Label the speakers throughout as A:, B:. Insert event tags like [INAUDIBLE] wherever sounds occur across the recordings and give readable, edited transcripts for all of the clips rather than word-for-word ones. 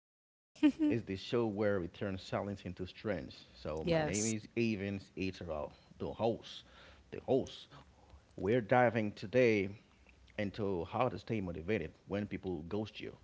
A: here is the show where we turn silence into strength. So my name
B: Yes,
A: is Evans Eterall, the host. The host. We're diving today into how to stay motivated when people ghost you.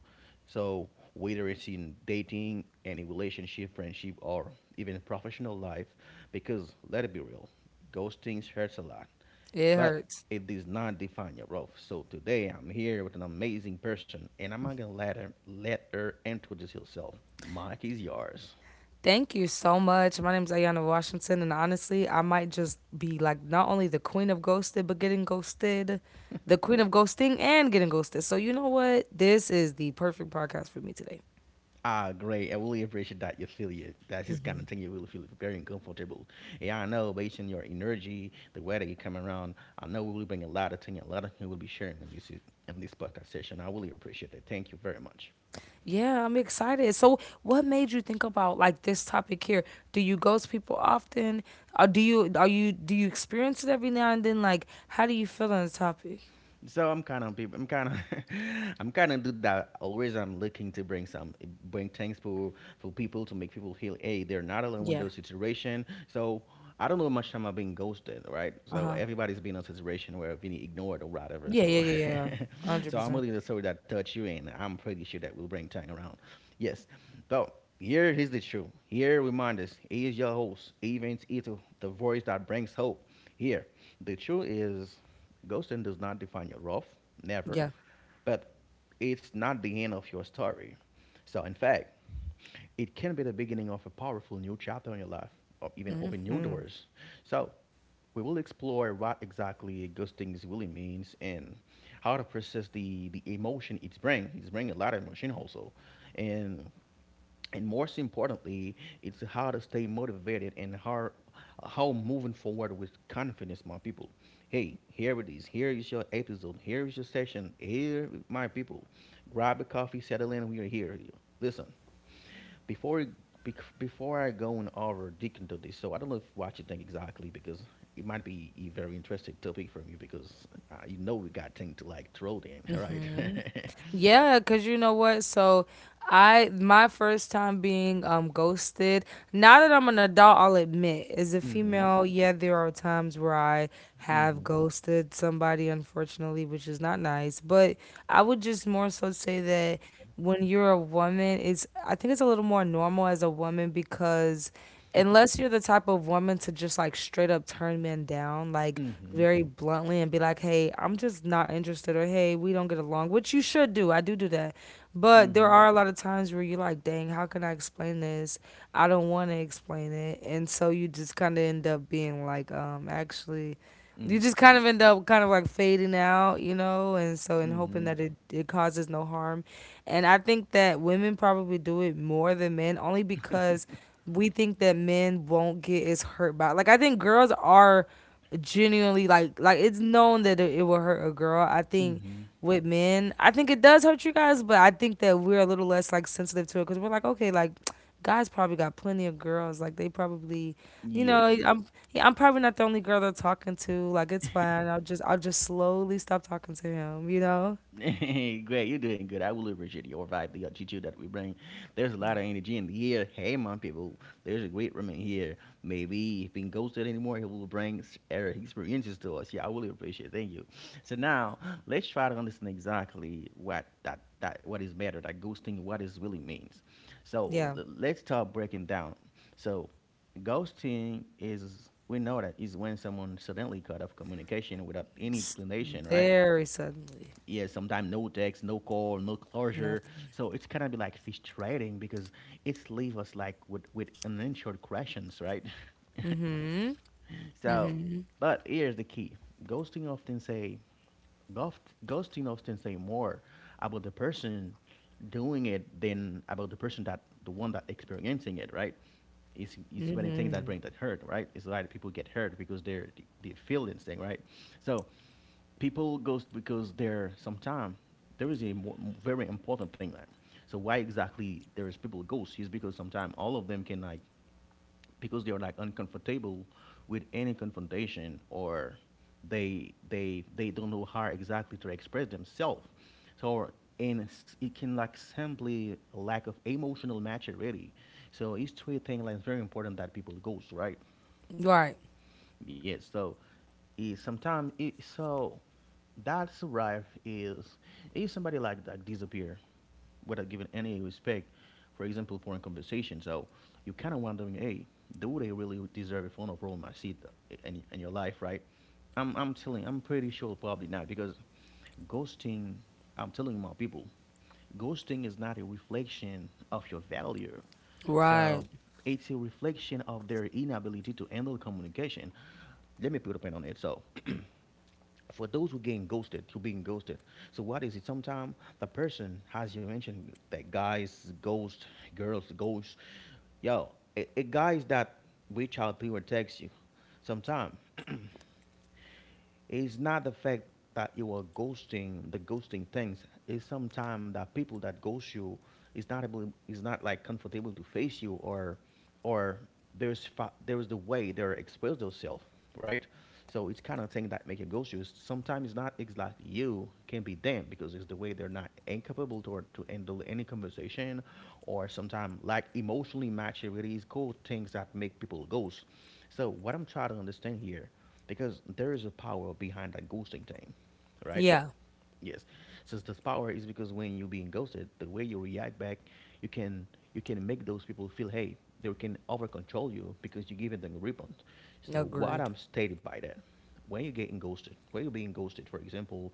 A: So whether it's in dating, any relationship, friendship, or even professional life, because let it be real, ghosting hurts a lot
B: it
A: but
B: hurts.
A: it does not define your role. So today I'm here with an amazing person, and I'm not gonna let her introduce herself. Mike is yours.
B: Thank you so much. My name is Ayana Washington, and honestly, I might just be like not only the queen of ghosted, but getting ghosted, the queen of ghosting and getting ghosted. So, you know what? This is the perfect podcast for me today.
A: Ah, great. I really appreciate that you feel you. That's just kind of thing you really feel very uncomfortable. Yeah, I know. Based on your energy, the way that you come around, I know we will bring a lot of things. A lot of things we will be sharing in this podcast session. I really appreciate it. Thank you very much.
B: Yeah, I'm excited. So, what made you think about like this topic here? Do you ghost people often? Or do you experience it every now and then? Like, how do you feel on the topic?
A: So I'm kind of people. I'm kind of, [LAUGHS] I'm kind of do that. Always, I'm looking to bring some, bring things for people to make people feel, hey, they're not alone in
B: Yeah.
A: those situation. So I don't know how much time I've been ghosted, right?
B: Uh
A: So
B: huh.
A: everybody's been in a situation where being ignored or whatever.
B: Yeah, yeah,
A: So,
B: yeah, yeah.
A: [LAUGHS]
B: Hundred
A: so I'm
B: percent.
A: willing to story that touch you, and I'm pretty sure that will bring time around. Yes. So here is the truth. Here remind us, he is your host, Evans Ito, the voice that brings hope. Here, the truth is ghosting does not define your rough, never,
B: Yeah.
A: but it's not the end of your story. So, in fact, it can be the beginning of a powerful new chapter in your life, or even open new doors. So, we will explore what exactly ghosting is really means and how to process the emotion it's bring. It's bring a lot of emotion also, and and most importantly, it's how to stay motivated and how moving forward with confidence, my people. Hey, here it is. Here is your episode. Here is your session. Here, my people, grab a coffee, settle in. We are here. Listen, before before I go and over deep into this, so I don't know if what you think exactly because it might be a very interesting topic from you because you know we got things to like throw in, [LAUGHS] right? [LAUGHS]
B: Yeah, cause you know what? So I my first time being ghosted. Now that I'm an adult, I'll admit, as a
A: mhm,
B: female, yeah, there are times where I have
A: mhm,
B: ghosted somebody, unfortunately, which is not nice. But I would just more so say that when you're a woman, it's I think it's a little more normal as a woman because unless you're the type of woman to just like straight up turn men down, like
A: mhm,
B: very bluntly and be like, hey, I'm just not interested, or hey, we don't get along, which you should do. I do do that. But there
A: mhm,
B: are a lot of times where you're like, dang, how can I explain this? I don't want to explain it. And so you just kind of end up being like, actually, you just
A: mhm.
B: kind of end up kind of like fading out, you know, and so in hoping
A: mhm.
B: that it causes no harm. And I think that women probably do it more than men only because we think that men won't get as hurt by like I think girls are genuinely like it's known that it will hurt a girl. I think
A: Mm-hmm.
B: with men, I think it does hurt you guys, but I think that we're a little less like sensitive to it because we're like, okay, like guys probably got plenty of girls. Like they probably, you know,
A: Yeah.
B: I'm yeah, I'm probably not the only girl they're talking to. Like it's fine. I'll just slowly stop talking to him. You know?
A: [LAUGHS] Great. You're doing good. I really appreciate your vibe, the attitude that we bring. There's a
B: Yeah.
A: lot of energy in the air. Hey, my people. There's a great woman here. Maybe if being ghosted anymore, he will bring experiences to us. Yeah, I really appreciate it. Thank you. So now let's try to understand exactly what that what is matter, that ghosting, what it really means. So
B: Yeah.
A: let's start breaking down. So ghosting is we know that is when someone suddenly cut off communication without any
B: S-
A: explanation, right?
B: Very suddenly.
A: Yeah, sometimes no text, no call, no
B: Not.
A: closure. So it's kind of be like frustrating because it's leave us like with unanswered questions, right?
B: Mm-hmm.
A: [LAUGHS] So, but here's the key: ghosting often say ghosting often say more about the person doing it than about the person that the one that experiencing it, right? It's when anything that
B: Mm-hmm.
A: brings that hurt, right? It's why people get hurt because they're they feel this thing, right? So people ghost because they're sometimes there is a mo very important thing there. So why exactly there is people ghost is because sometimes all of them can like because they're like uncomfortable with any confrontation or they don't know how exactly to express themselves so and it can like simply lack of emotional maturity so it's two thing like it's very important that people goes right
B: Right.
A: yeah, so is sometimes it so that's right is if somebody like that disappear without giving any respect, for example, for a conversation. So you kind of wondering, hey, do they really deserve a phone of role my seat in your life, right? I'm telling, I'm pretty sure probably not because ghosting. I'm telling my people, ghosting is not a reflection of your value. So
B: Right.
A: it's a reflection of their inability to handle communication. Let me put a pin on it. So for those who getting ghosted, who being ghosted. So what is it? Sometimes the person, as you mentioned, that guys ghost, girls ghost. Yo, a guys that reach out to you or text you. Sometimes it's not the fact that you are ghosting the ghosting things. It's sometimes that people that ghost you is not able is not like comfortable to face you or there's there's the way they're exposed themselves, right? So it's kind of thing that make you ghost you. Sometimes it's not exactly you can be them because it's the way they're not incapable to handle any conversation, or sometimes like emotionally maturity is cool things that make people ghost. So what I'm trying to understand here because there is a power behind that ghosting thing, right?
B: Yeah.
A: Yes. Since this power is because when you're being ghosted, the way you react back, you can you can make those people feel hey, they can over control you because you give them a rebound. So what
B: Agreed.
A: I'm stated by that, when you're getting ghosted, when you're being ghosted, for example,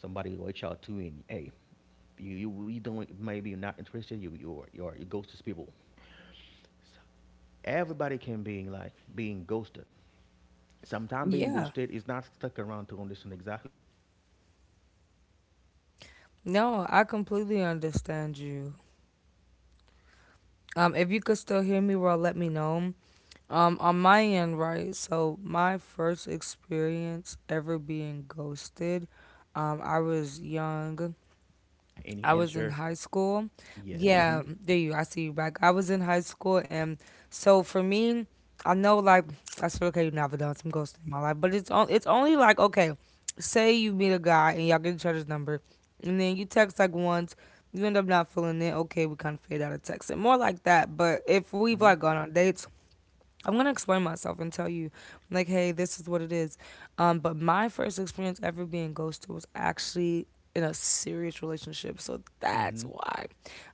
A: somebody reach out to you and hey, you don't maybe you're not interested, you you're you ghost these people. So everybody can being like being ghosted sometimes being
B: Yeah.
A: ghosted is not stuck around to understand exactly why you were ghosting because some people that
B: No, I
A: ghost you don't even
B: completely
A: care sometimes why
B: understand
A: you might
B: you.
A: feel what it can bring like emotional
B: If
A: what
B: you
A: it
B: could
A: can
B: still hear
A: impact
B: me,
A: you
B: well, let me
A: emotion right
B: know. On
A: sometimes
B: my
A: it's the
B: end,
A: way
B: right?
A: that you
B: So my first
A: react back is really
B: experience
A: important
B: ever
A: it's
B: being
A: the way
B: ghosted,
A: sometimes you keep
B: I
A: for
B: was
A: example you're
B: young.
A: texting without any
B: I was
A: answer
B: in high school.
A: yes. mm-hmm
B: Yeah, there you. I see you back. I was in high school, and so for me, I know like [TSK] I said, okay, you never done some ghosting in my life, but it's on, it's only like okay, say you meet a guy and y'all get each other's number, and then you text like once, you end up not feeling it. Okay, we kind of fade out of texting, more like that. But if we've like gone on dates I'm gonna explain myself and tell you, like, hey, this is what it is. But my first experience ever being ghosted was actually in a serious relationship. So that's
A: mm-hmm
B: why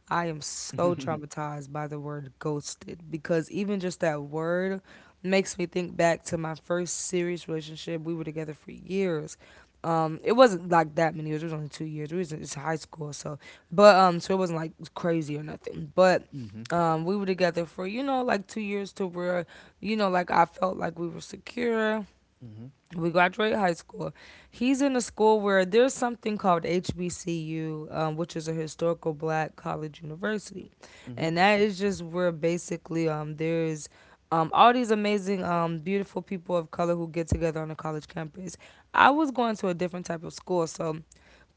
B: I am so
A: mm-hmm
B: traumatized by the word ghosted because even just that word makes me think back to my first serious relationship. We were together for years. It wasn't like that many years. It was only 2 years. It was it's high school, so but so it wasn't like crazy or nothing. But
A: mm-hmm
B: we were together for you know like 2 years to where you know, like I felt like we were secure.
A: mm-hmm
B: We graduate high school. He's in a school where there's something called HBCU, which is a historical black college university. And that is just where basically there's all these amazing, beautiful people of color who get together on a college campus. I was going to a different type of school, so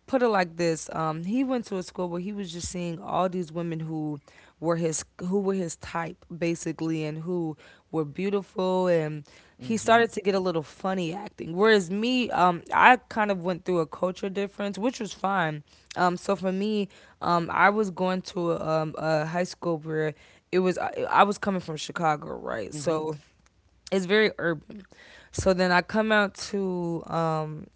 B: put it like this he went to a school where he was just seeing all these women who were his type basically and who were beautiful and he
A: mm-hmm
B: started to get a little funny acting whereas me I kind of went through a culture difference which was fine so for me I was going to a high school where I was coming from chicago right
A: mm-hmm
B: so it's very urban so then I come out to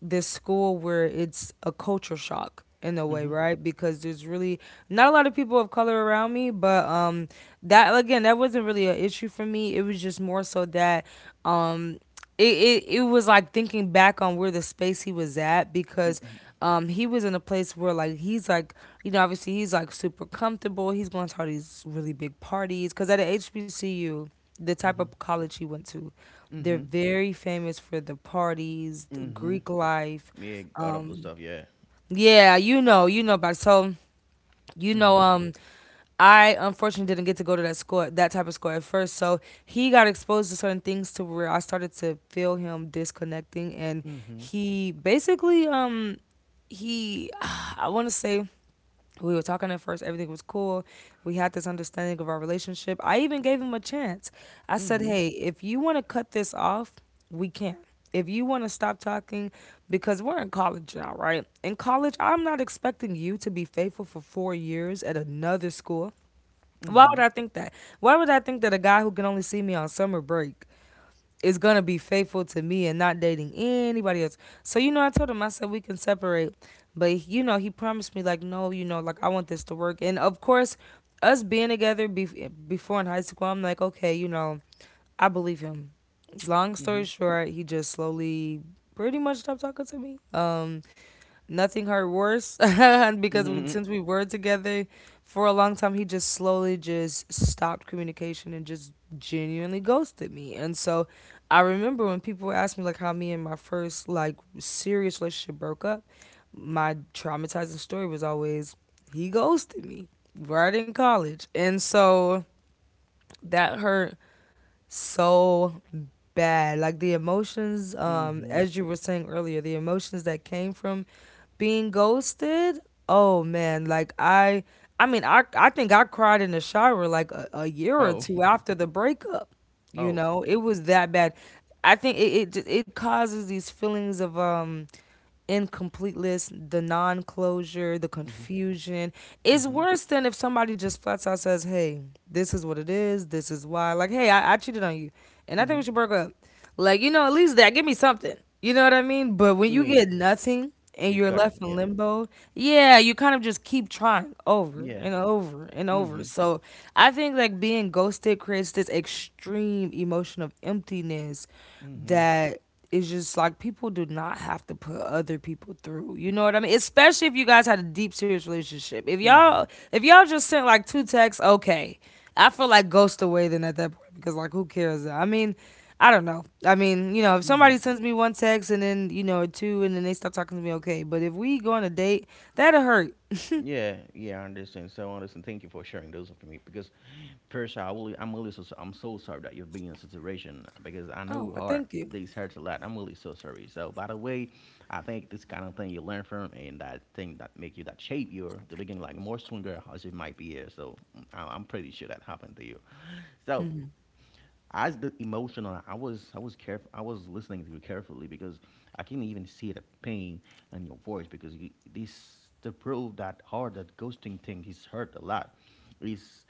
B: this school where it's a culture shock in a way,
A: mm-hmm mm-hmm
B: right? Because there's really not a lot of people of color around me, but that again, that wasn't really an issue for me. It was just more so that um it was like thinking back on where the space he was at because
A: mm-hmm
B: he was in a place where like he's like you know obviously he's like super comfortable he's going to all these really big parties because at a HBCU the type
A: Mm-hmm. Mm-hmm.
B: of college he went to they're
A: Mm-hmm.
B: very famous for the parties, the
A: Mhm.
B: Greek life.
A: Yeah, god
B: Um,
A: up the stuff, yeah.
B: Yeah, you know about it. So, you know,
A: Mhm.
B: I unfortunately didn't get to go to that school, that type of school at first. So he got exposed to certain things to where I started to feel him disconnecting, and
A: Mhm.
B: he basically, he, [SIGHS] I want to say we were talking at first everything was cool we had this understanding of our relationship I even gave him a chance I said
A: Mhm.
B: hey if you want to cut this off we can if you want to stop talking because we're in college now right in college I'm not expecting you to be faithful for 4 years at another school why would
A: Mhm.
B: I think that why would I think that a guy who can only see me on summer break is gonna be faithful to me and not dating anybody else. So you know, I told him I said we can separate, but you know, he promised me like, no, you know, like I want this to work. And of course, us being together before in high school, I'm like, okay, you know, I believe him. Long story
A: Mhm.
B: short, he just slowly, pretty much stopped talking to me. Nothing hurt worse [LAUGHS] and because we,
A: Mhm.
B: since we were together for a long time he just slowly just stopped communication and just genuinely ghosted me and so I remember when people would ask me like how me and my first like serious relationship broke up my traumatizing story was always he ghosted me right in college and so that hurt so bad. Like the emotions,
A: Mhm.
B: as you were saying earlier, the emotions that came from being ghosted. Oh man, I think I cried in the shower like a year or
A: Oh,
B: two
A: [LAUGHS]
B: after the breakup. You
A: oh.
B: know, it was that bad. I think it causes these feelings of incompleteness, the non closure, the
A: Mhm.
B: confusion. It's
A: Mhm.
B: worse than if somebody just flat out says, hey, this is what it is, this is why. Like, hey, I cheated on you. And I think we
A: Mhm.
B: should break up. Like, you know, at least that give me something. You know what I mean? But when you
A: Yeah.
B: get nothing and
A: Yeah,
B: you're
A: got it.
B: left in
A: Yeah.
B: limbo, yeah, you kind of just keep trying over
A: Yeah.
B: and over and over.
A: Mhm.
B: So I think like being ghosted creates this extreme emotion of emptiness
A: Mhm.
B: that it's just like people do not have to put other people through. You know what I mean? Especially if you guys had a deep serious relationship. If
A: Mhm.
B: y'all if y'all just sent like two texts, okay. I feel like ghost away then at that point because like who cares? I mean, I don't know. I mean, you know, if
A: Mhm.
B: somebody sends me one text and then, you know, or two and then they stop talking to me, okay. But if we go on a date, that'll hurt.
A: Yeah, yeah, I understand. So I understand. Thank you for sharing those with me because first, I will, I'm really so sorry. I'm so sorry that you've been in a situation because I
B: Oh,
A: know
B: well,
A: hard.
B: thank you.
A: This hurts a lot. I'm really so sorry. So, by the way, I think this kind of thing you learn from and that thing that make you that shape you to begin like more stronger as it might be here. So, I'm pretty sure that happened to you. So, as the emotional, I was careful. I was listening to you carefully because I can even see the pain in your voice because you, this to prove that hard that ghosting thing is hurt a lot. Is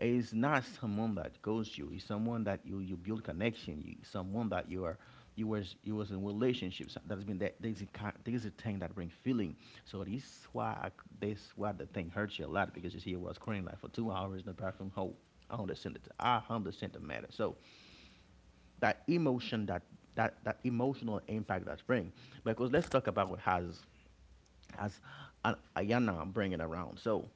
A: it's not someone that goes you. It's someone that you build connection. You someone that you are you was in relationships. That's been that there's a there's a thing that bring feeling. So this is why I, this why the thing hurts you a lot because you see I was crying like for 2 hours in the bathroom. Whole I understand it. I understand the matter. So that emotion that that emotional impact that's bring because let's talk about what has as Ayana bringing around. So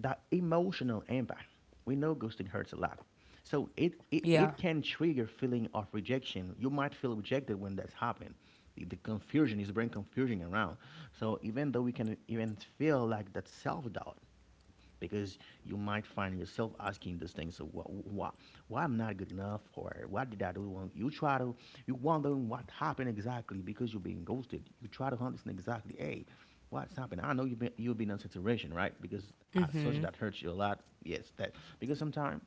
A: that emotional impact. We know ghosting hurts a lot. So it, it,
B: Yeah.
A: it can trigger feeling of rejection. You might feel rejected when that's happened. The confusion is bring confusion around. So even though we can even feel like that self doubt, because you might find yourself asking these things so why I'm not good enough or why did I do wrong you try to you wondering what happened exactly because you're being ghosted you try to understand exactly hey what's happened I know you've been in a situation right because as such
B: Mhm.
A: that hurts you a lot yes that because sometimes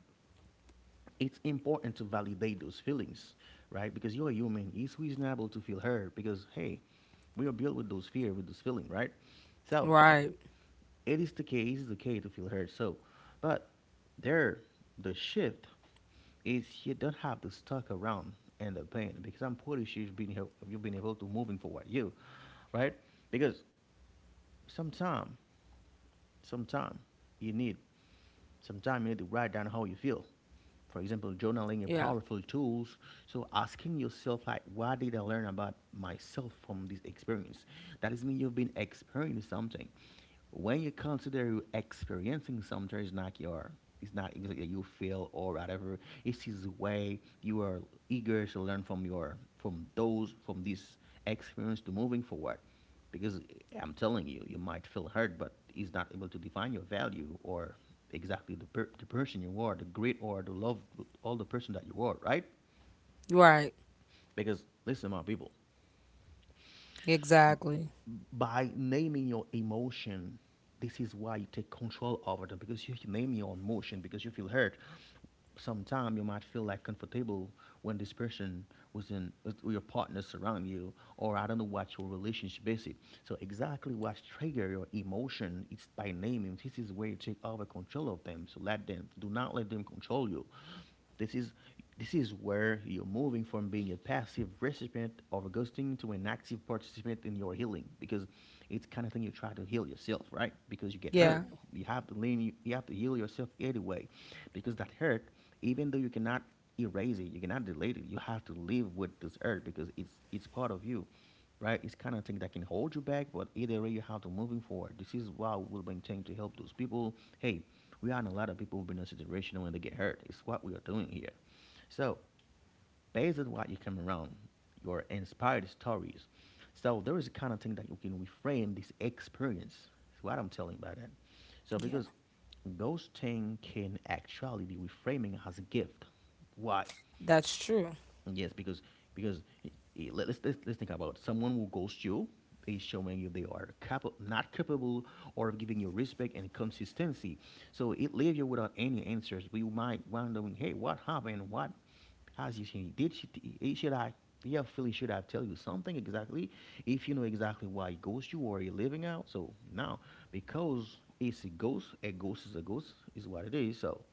A: it's important to validate those feelings right because you're a human it's reasonable to feel hurt because hey we are built with those fear with those feeling right so
B: Right.
A: it is the case, it's okay to feel hurt. So, but there, the shift is you don't have to stuck around in the pain because I'm pretty sure you've been here, you've been able to moving forward, you, right? Because sometime, sometime you need sometimes you need to write down how you feel. For example, journaling is
B: Yeah.
A: powerful tools. So asking yourself, like, what did I learn about myself from this experience? That is mean you've been experiencing something. When you consider you experiencing something, it's not it's not exactly you feel or whatever. It's his way you are eager to learn from from this experience to moving forward because I'm telling you, you might feel hurt, but he's not able to define your value or exactly the person you are, the great or the love, all the person that you are, right?
B: Right.
A: Because listen, my people,
B: Exactly.
A: by naming your emotion, this is why you take control over them because you name your emotion because you feel hurt. Sometimes you might feel like comfortable when this person was in with your partners around you, or I don't know what your relationship is. So exactly what trigger your emotion, it's by naming. This is where you take over control of them, so let them, do not let them control you. this is this is where you're moving from being a passive recipient of a ghosting to an active participant in your healing, because it's the kind of thing you try to heal yourself, right? Because you get
B: Yeah.
A: hurt. You have to lean you have to heal yourself anyway. Because that hurt, even though you cannot erase it, you cannot delete it, you have to live with this hurt because it's part of you, right? It's kind of thing that can hold you back, but either way, you have to moving forward. This is what we'll bring thing to help those people. Hey, we are a lot of people who've been in a situation when they get hurt. It's what we are doing here. So, based on what you come around, your inspired stories. So there is a kind of thing that you can reframe this experience. That's what I'm telling by that. So
B: Yeah.
A: because those ghosting can actually be reframing as a gift. Why?
B: That's true.
A: Yes, because let's think about someone who ghosts you is showing you they are not capable or of giving you respect and consistency. So it leaves you without any answers. We might wondering, hey, what happened? What has you seen? Did she? Should I? Yeah, Philly, should I tell you something exactly? If you know exactly why it ghosts you or you're living out, so now, because it's a ghost, is what it is. So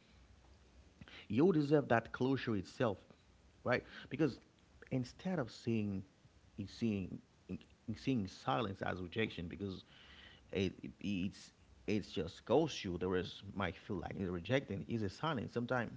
A: you deserve that closure itself, right? Because instead of seeing, seeing silence as rejection, because it- it's it's just goes you. There is might feel like it's rejecting is a silence sometimes.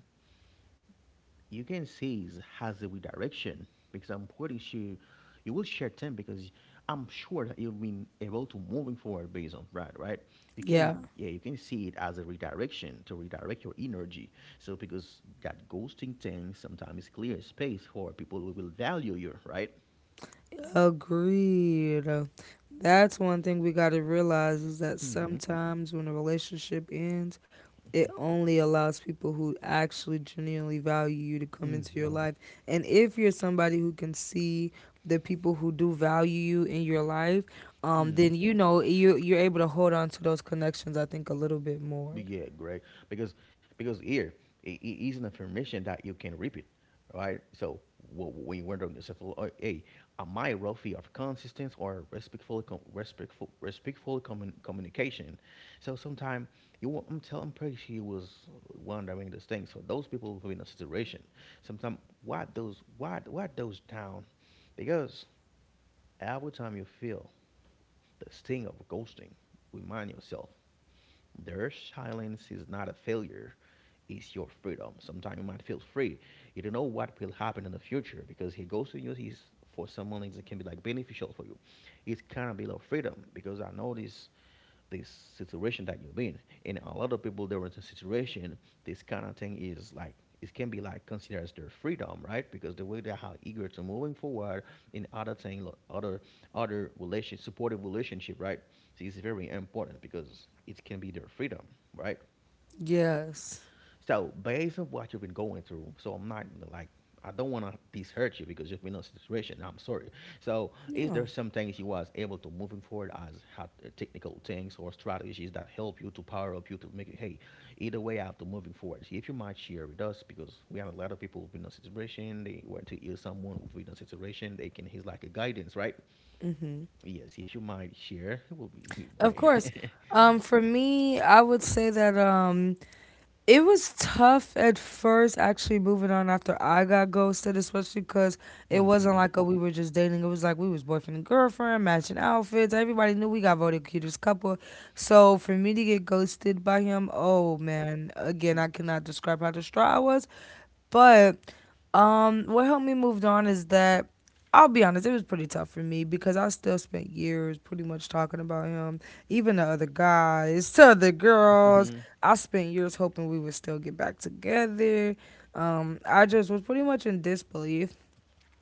A: You can see it has a redirection because I'm pretty sure you will share 10 because I'm sure that you've been able to moving forward based on that, right? You can,
B: Yeah.
A: yeah, you can see it as a redirection to redirect your energy. So because that ghosting thing sometimes clear space for people who will value you, right?
B: Agreed. That's one thing we got to realize is that
A: Mm-hmm.
B: sometimes when a relationship ends, it only allows people who actually genuinely value you to come into your
A: Mm-hmm.
B: life. And if you're somebody who can see the people who do value you in your life, then
A: Mm-hmm.
B: you know you you're able to hold on to those connections. I think a little bit more.
A: Yeah, great. Because because Here it, it is an information that you can repeat, right? So when you wonder on yourself, "Oh, hey, am I wealthy of consistency or respectful, respectful communication? So sometimes I'm telling, I'm pretty sure you was wondering those things for those people will be in a situation. Sometimes what those down, because every time you feel the sting of ghosting, remind yourself their silence is not a failure, it's your freedom. Sometimes you might feel free. You don't know what will happen in the future because he goes to you, he's for someone that can be like beneficial for you. It's kind of below freedom because I know this situation that you're in. And a lot of people they're in a situation, this kind of thing is like, it can be like considered as their freedom, right? Because the way they are eager to moving forward in other thing, other relation supportive relationship, right? So it's very important because it can be their freedom, right?
B: Yes.
A: So based on what you've been going through, so I'm not gonna, like, I don't want to hurt you because you've been in a situation. I'm sorry. So is there
B: No.
A: some things you was able to moving forward as had, technical things or strategies that help you to power up you to make it? Hey, either way, after moving forward, if you might share with us because we have a lot of people who've been in a situation. They went to hear someone who've been in a situation. They can he's like a guidance, right?
B: Hmm.
A: Yes, if you might share, it will be
B: Of
A: great.
B: course.
A: [LAUGHS]
B: For me, I would say that. It was tough at first, actually moving on after I got ghosted, especially because it wasn't
A: Mhm.
B: like a, we were just dating. It was like we was boyfriend and girlfriend, matching outfits. Everybody knew we got voted cutest couple. So for me to get ghosted by him, oh man, again, I cannot describe how distraught I was. But what helped me move on is that I'll be honest, it was pretty tough for me because I still spent years pretty much talking about him, even to other guys, to other
A: Mhm.
B: girls.
A: Mhm.
B: I spent years hoping we would still get back together. I just was pretty much in disbelief.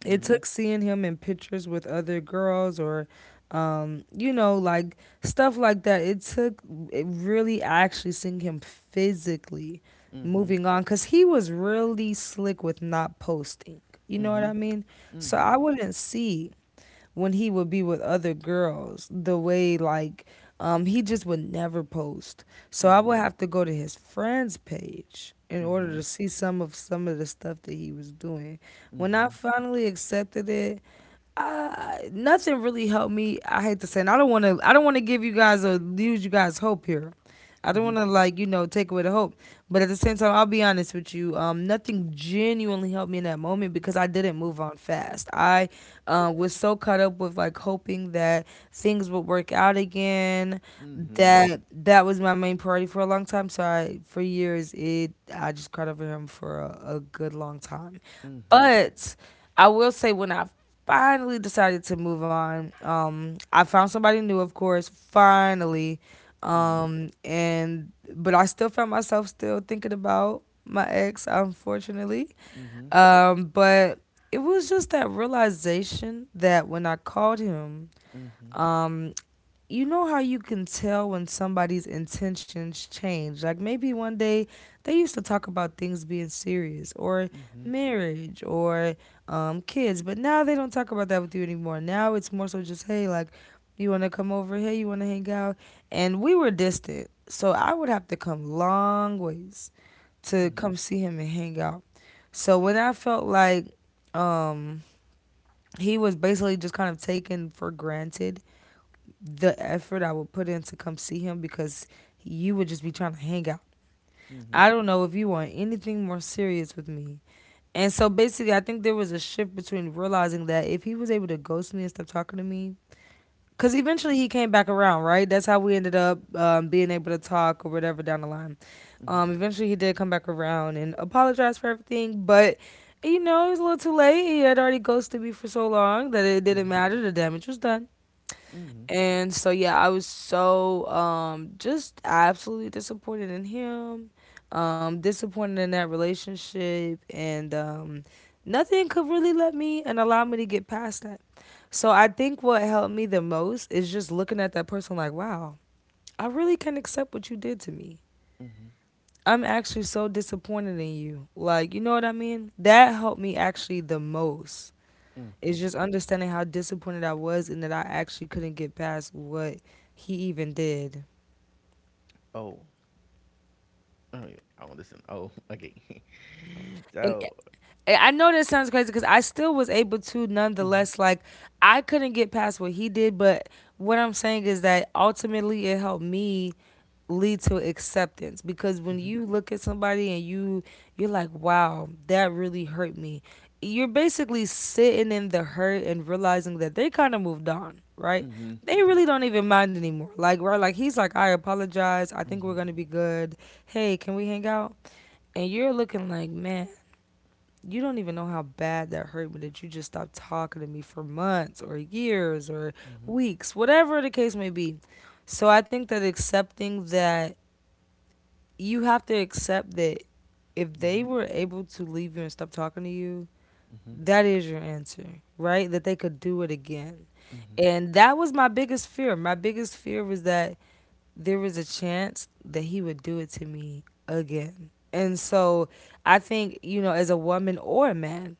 B: It took seeing him in pictures with other girls or, um, you know, like stuff like that. It took it really actually seeing him physically
A: Mhm.
B: moving on because he was really slick with not posting. You know what I
A: Mhm.
B: mean? So
A: Mhm.
B: I wouldn't see when he would be with other girls, the way he just would never post. So I would
A: Mhm,
B: have to go to his friends page in order to
A: mhm,
B: see some of the stuff that he was doing. When I
A: mhm,
B: finally accepted it, nothing really helped me. I hate to say, and I don't want to. I don't want to give you guys or lose you guys hope here. I don't want
A: mhm,
B: to like take away the hope, but at the same time, I'll be honest with you. Nothing genuinely helped me in that moment because I didn't move on fast. I was so caught up with like hoping that things would work out again
A: mhm,
B: that was my main priority for a long time. So I, for years, it I just cried over him for a good long time.
A: mhm,
B: But I will say when I finally decided to move on, I found somebody new, of course, finally.
A: mhm,
B: And but I still found myself still thinking about my ex, unfortunately.
A: mhm,
B: But it was just that realization that when I called him,
A: mhm,
B: um, you know how you can tell when somebody's intentions change. Like maybe one day they used to talk about things being serious or
A: mhm,
B: marriage or kids, but now they don't talk about that with you anymore. Now it's more so just, hey, like, you want to come over? Hey, you want to hang out? And we were distant. So I would have to come long ways
A: mhm,
B: to
A: mhm,
B: come see him and hang out. So when I felt like um, he was basically just kind of taken for granted the effort I would put in to come see him because you would just be trying to hang out.
A: mhm,
B: I don't know if you want anything more serious with me. And so basically, I think there was a shift between realizing that if he was able to ghost me and stop talking to me, because eventually he came back around, right? That's how we ended up being able to talk or whatever down the line. Eventually he did come back around and apologize for everything, but it was a little too late. He had already ghosted me for so long that it didn't matter. The damage was done.
A: mhm,
B: And so yeah, I was so just absolutely disappointed in him, disappointed in that relationship and nothing could really let me and allow me to get past that. So I think what helped me the most is just looking at that person like, wow, I really can accept what you did to me.
A: mhm, mhm,
B: I'm actually so disappointed in you. Like, you know what I mean? That helped me actually the most.
A: mhm.
B: It's just understanding how disappointed I was and that I actually couldn't get past what he even did.
A: Oh, oh, yeah. Oh, listen. Oh, [LAUGHS] okay. [LAUGHS]
B: And
A: So,
B: I know this sounds crazy because I still was able to,
A: mhm,
B: nonetheless. Like, I couldn't get past what he did, but what I'm saying is that ultimately it helped me lead to acceptance because when
A: mhm,
B: you look at somebody and you're like wow that really hurt me, you're basically sitting in the hurt and realizing that they kind of moved on, right?
A: mhm,
B: They really don't even mind anymore, like, right, like he's like I apologize, I think we're
A: mhm,
B: gonna be good, hey can we hang out, and you're looking like man, you don't even know how bad that hurt me that you just stopped talking to me for months or years or
A: mhm,
B: weeks, whatever the case may be. So I think that accepting that you have to accept that if they
A: mhm,
B: were able to leave you and stop talking to you,
A: mhm,
B: that is your answer, right? That they could do it again.
A: mhm,
B: And that was my biggest fear. My biggest fear was that there was a chance that he would do it to me again. And so I think, you know, as a woman or a man,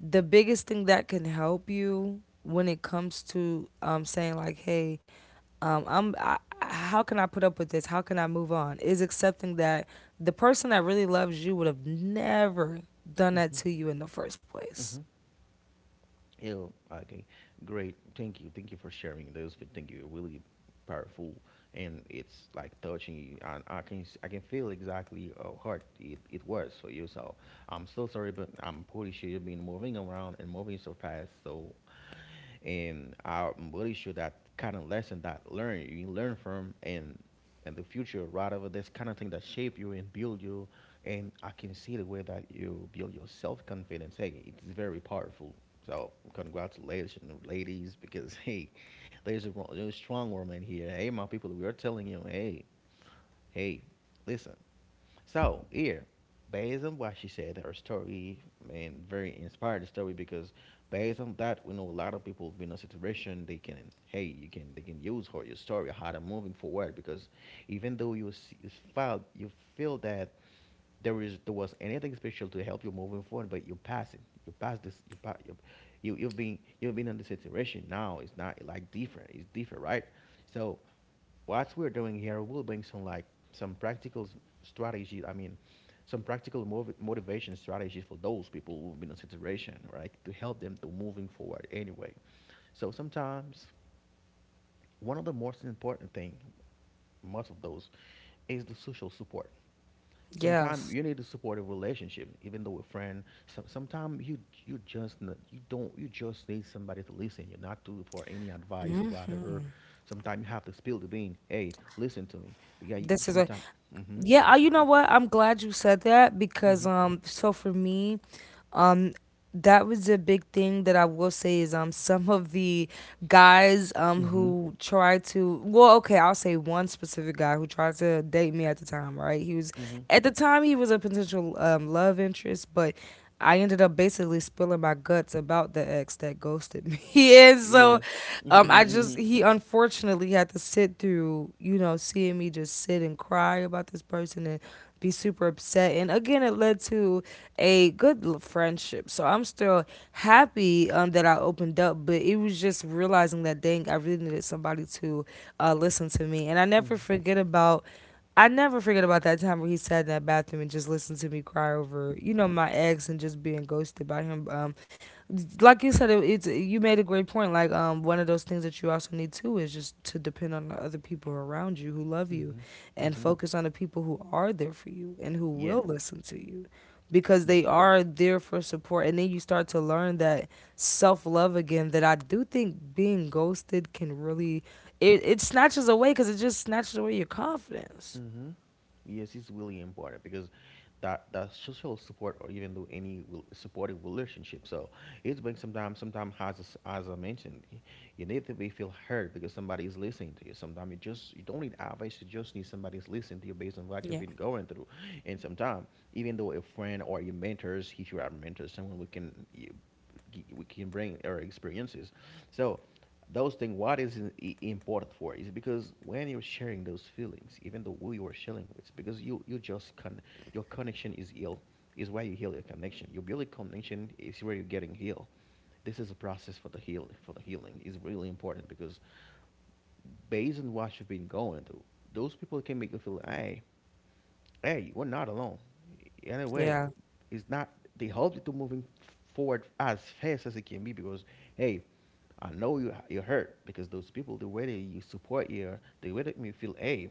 B: the biggest thing that can help you when it comes to saying like, hey, um, i'm I, how can I put up with this, how can I move on, is accepting that the person that really loves you would have never done that
A: mhm,
B: to you in the first place.
A: mhm, yeah, okay. Great. Thank you. Thank you for sharing those. But thank you. Really powerful, and it's like touching you, and I can s- I can feel exactly how hard it was for you. So I'm so sorry, but I'm pretty sure you've been moving around and moving so fast. So and I'm really sure that kind of lesson that learn you learn from and the future, right, over this kind of thing that shape you and build you, and I can see the way that you build your self confidence. Hey, it's very powerful. So congratulations, ladies, because [LAUGHS] hey, there's a strong woman here. Hey, my people, we are telling you, hey, hey, listen, so here, based on what she said, her story, and very inspired story, because based on that, we know a lot of people have been in a situation they can, hey, you can, they can use her your story how to moving forward because even though you felt you feel that there was anything special to help you moving forward, but you pass it, you pass this, you've been in the situation now. It's not like different, it's different, right? So what we're doing here will bring some like some practical strategies. I mean, some practical motivation strategies for those people who've been in situation, right? To help them to moving forward anyway. So sometimes one of the most important thing, most of those, is the social support. Sometimes
B: Yes.
A: you need a supportive relationship, even though a friend. Sometimes you you don't you just need somebody to listen. You're not to for any advice or whatever. Sometimes you have to spill the bean. Hey, listen to me because you,
B: this is a
A: sometimes. Mm-hmm.
B: Yeah. You know what, I'm glad you said that because so for me. Um, that was a big thing that I will say is some of the guys
A: Mm-hmm.
B: who tried to, well okay, I'll say one specific guy who tried to date me at the time, right? He was
A: Mm-hmm. Mm-hmm.
B: at the time, he was a potential love interest, but I ended up basically spilling my guts about the ex that ghosted me [LAUGHS] and
A: Yeah.
B: so I
A: [LAUGHS]
B: just, he unfortunately had to sit through, you know, seeing me just sit and cry about this person and be super upset, and again it led to a good friendship. So I'm still happy that I opened up, but it was just realizing that dang, I really needed somebody to listen to me. And I never
A: Mm-hmm.
B: forget about. I never forget about that time where he sat in that bathroom and just listened to me cry over, you know, my ex and just being ghosted by him. Like you said, it's you made a great point. Like, one of those things that you also need too is just to depend on the other people around you who love you,
A: Mm-hmm.
B: and
A: Mm-hmm.
B: focus on the people who are there for you and who
A: Yeah.
B: will listen to you, because they are there for support. And then you start to learn that self-love again, that I do think being ghosted can really, it snatches away, because it just snatches away your confidence.
A: Mm-hmm. Yes, it's really important because that that social support or even though any supportive relationship. So it's being sometimes as as I mentioned, you need to be feel heard because somebody is listening to you. Sometimes you just you don't need advice. You just need somebody is listening to you based on what you've
B: Yeah.
A: been going through. And sometimes even though a friend or your mentors, if you are mentors, someone we can you, we can bring our experiences. So those things what is important for is because when you're sharing those feelings, even though who you are sharing with because you just can, your connection is ill is where you heal your connection, your building connection is where you're getting healed. This is a process for the heal for the healing is really important because based on what you've been going through, those people can make you feel, hey, hey, we're not alone anyway.
B: Yeah.
A: It's not, they help you to moving forward as fast as it can be because hey, I know you you are hurt because those people the way they you support you, the way that make you feel. Hey,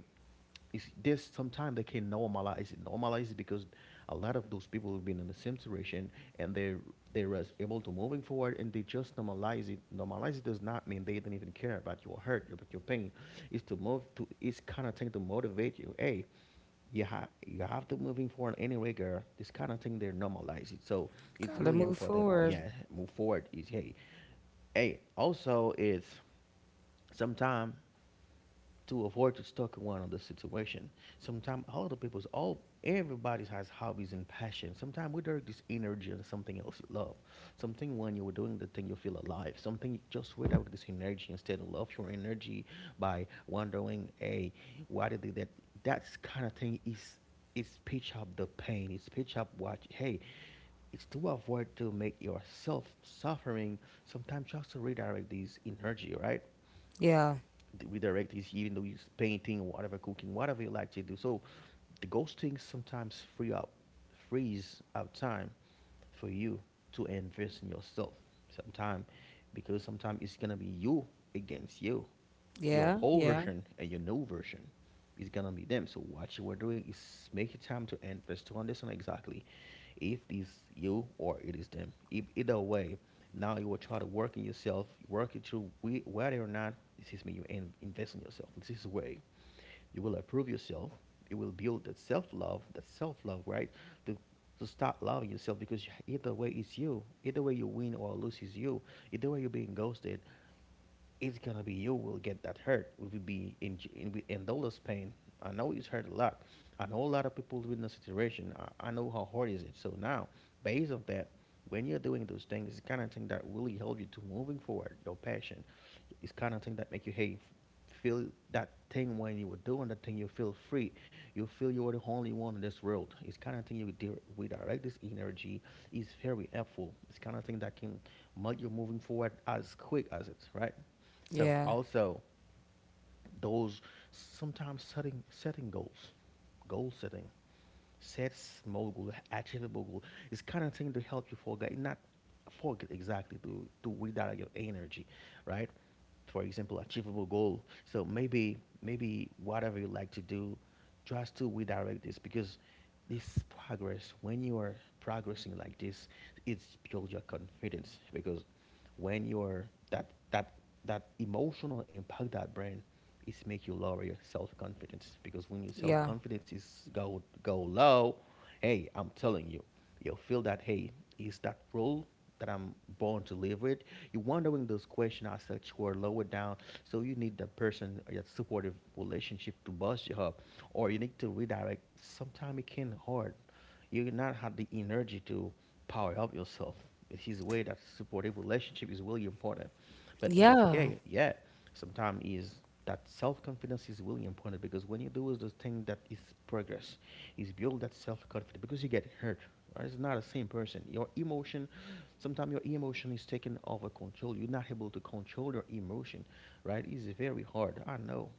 A: is this sometimes they can normalize it. Normalize it because a lot of those people have been in the same situation, and they was able to moving forward and they just normalize it. Normalize it does not mean they don't even care about your hurt, about your pain. It's to move to, it's kind of thing to motivate you. Hey, you have, you have to moving forward anyway, girl. This kind of thing they normalize it. So it's
B: Gotta
A: really
B: move
A: important.
B: forward.
A: Yeah, move forward is hey. Hey, also it's sometimes to avoid to stuck in one on the situation. Sometimes all the people's all everybody's has hobbies and passion. Sometimes we direct this energy on something else you love. Something when you were doing the thing you feel alive. Something just without this energy instead of love your energy by wondering, hey, why did they that that's kind of thing is pitch up the pain, it's pitch up what, hey, it's to avoid to make yourself suffering, sometimes just to redirect this energy, right?
B: Yeah.
A: Redirect is even though you're painting or whatever, cooking, whatever you like to do. So the ghosting sometimes frees up time for you to invest in yourself sometime, because sometimes it's gonna be you against you. Your
B: Yeah,
A: old
B: yeah,
A: version and your new version is gonna be them. So what you were doing is make your time to invest to understand exactly if it's you or it is them. If either way, now you will try to work in yourself, work it through whether or not this is me. You invest in yourself. This is way, you will improve yourself. It will build that self love, right? To to start loving yourself because either way it's you. Either way you win or lose is you. Either way you're being ghosted, it's gonna be you will get that hurt. Will be in endoless pain. I know it's hurt a lot. I know a lot of people in the situation. I know how hard is it. So now, based on that, when you're doing those things, it's kind of thing that really help you to moving forward. Your passion, it's kind of thing that make you, hey, feel that thing when you were doing that thing. You feel free. You feel you are the only one in this world. It's kind of thing you we direct this energy is very helpful. It's kind of thing that can make you moving forward as quick as it, right? So
B: yeah.
A: also those sometimes setting goals, goal setting, set small goal, achievable goal is kind of thing to help you forget, not forget exactly, to redirect your energy, right? For example, achievable goal. So maybe whatever you like to do, just to redirect this because this progress, when you are progressing like this, it's build your confidence. Because when you're that emotional impact that brand is make you lower your self confidence, because when your self
B: Yeah,
A: confidence is go low, hey, I'm telling you, you'll feel that, hey, is that role that I'm born to live with? You're wondering those questions as such who are lower down. So you need the person or your supportive relationship to bust you up, or you need to redirect. Sometimes it can hard, you will not have the energy to power up yourself. It's his way that supportive relationship is really important. But in this
B: yeah,
A: game, yeah, sometimes is that self confidence is really important, because when you do is the thing that is progress, is build that self confidence because you get hurt. Right? It's not the same person. Your emotion, sometimes your emotion is taken over control. You're not able to control your emotion, right? It's very hard. I know.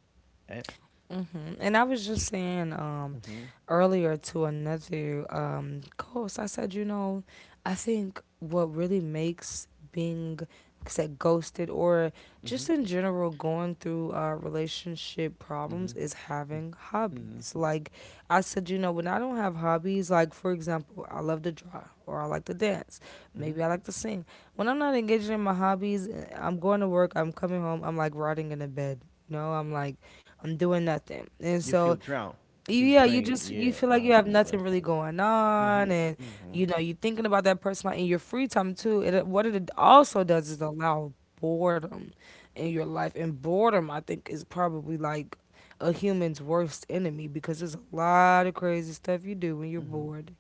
A: Eh?
B: Hmm. And I was just saying,
A: Mm-hmm.
B: earlier to another host, I said, you know, I think what really makes being said ghosted or
A: Mm-hmm.
B: just in general going through relationship
A: Mm-hmm.
B: problems is
A: Mm-hmm.
B: having
A: Mm-hmm.
B: hobbies. Like I said, you know, when I don't have hobbies, like for example, I love to draw or I like to dance,
A: Mm-hmm.
B: maybe I like to sing. When I'm not engaged in my hobbies, I'm going to work, I'm coming home, I'm like rotting in a bed. You know, I'm like I'm doing nothing. And
A: You
B: so,
A: feel drowned. You feel
B: yeah, you
A: drained.
B: just
A: Yeah,
B: you feel
A: I
B: like you have
A: understand.
B: nothing really going
A: Mhm.
B: on, and
A: Mhm.
B: you know you're thinking about that person like, in your free time too. It what it also does is allow boredom in your life, and boredom I think is probably like a human's worst enemy because there's a lot of crazy stuff you do when you're
A: Mhm.
B: bored.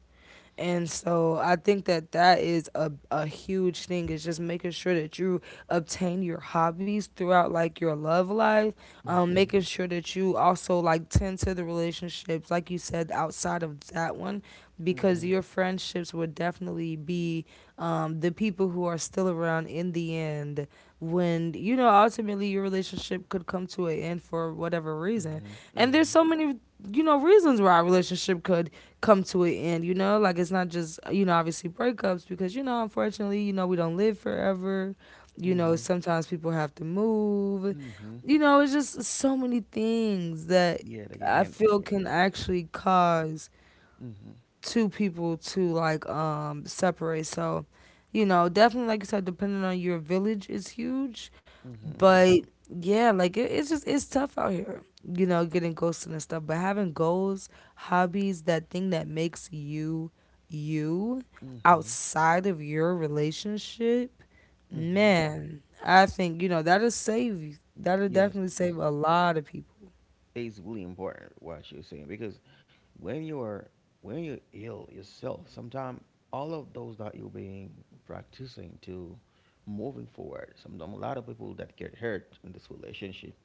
B: And so I think that that is a huge thing, is just making sure that you obtain your hobbies throughout like your love life,
A: Mhm.
B: making sure that you also like tend to the relationships, like you said, outside of that one, because
A: Mhm.
B: your friendships would definitely be the people who are still around in the end when, you know, ultimately your relationship could come to an end for whatever reason,
A: Mhm.
B: and there's
A: Mhm.
B: so many, you know, reasons why our relationship could come to an end, you know? Like it's not just, you know, obviously breakups because, you know, unfortunately, you know, we don't live forever. You know,
A: Mhm.
B: sometimes people have to move.
A: Mhm.
B: You know, it's just so many things that
A: Yeah, they can
B: I
A: handle it.
B: feel can actually cause
A: Mhm.
B: two people to like separate. So, you know, definitely like you said, depending on your village is huge.
A: Mhm.
B: But yeah, like it's just it's tough out here, you know, getting ghosted and stuff. But having goals, hobbies, that thing that makes you you
A: Mhm.
B: outside of your relationship,
A: Mhm.
B: man, I think, you know, that'll
A: Yes,
B: definitely save a lot of people.
A: it's really important what you're saying, because when you are, when you're ill yourself, sometimes all of those that you're being practicing to moving forward. Some a lot of people that get hurt in this relationship,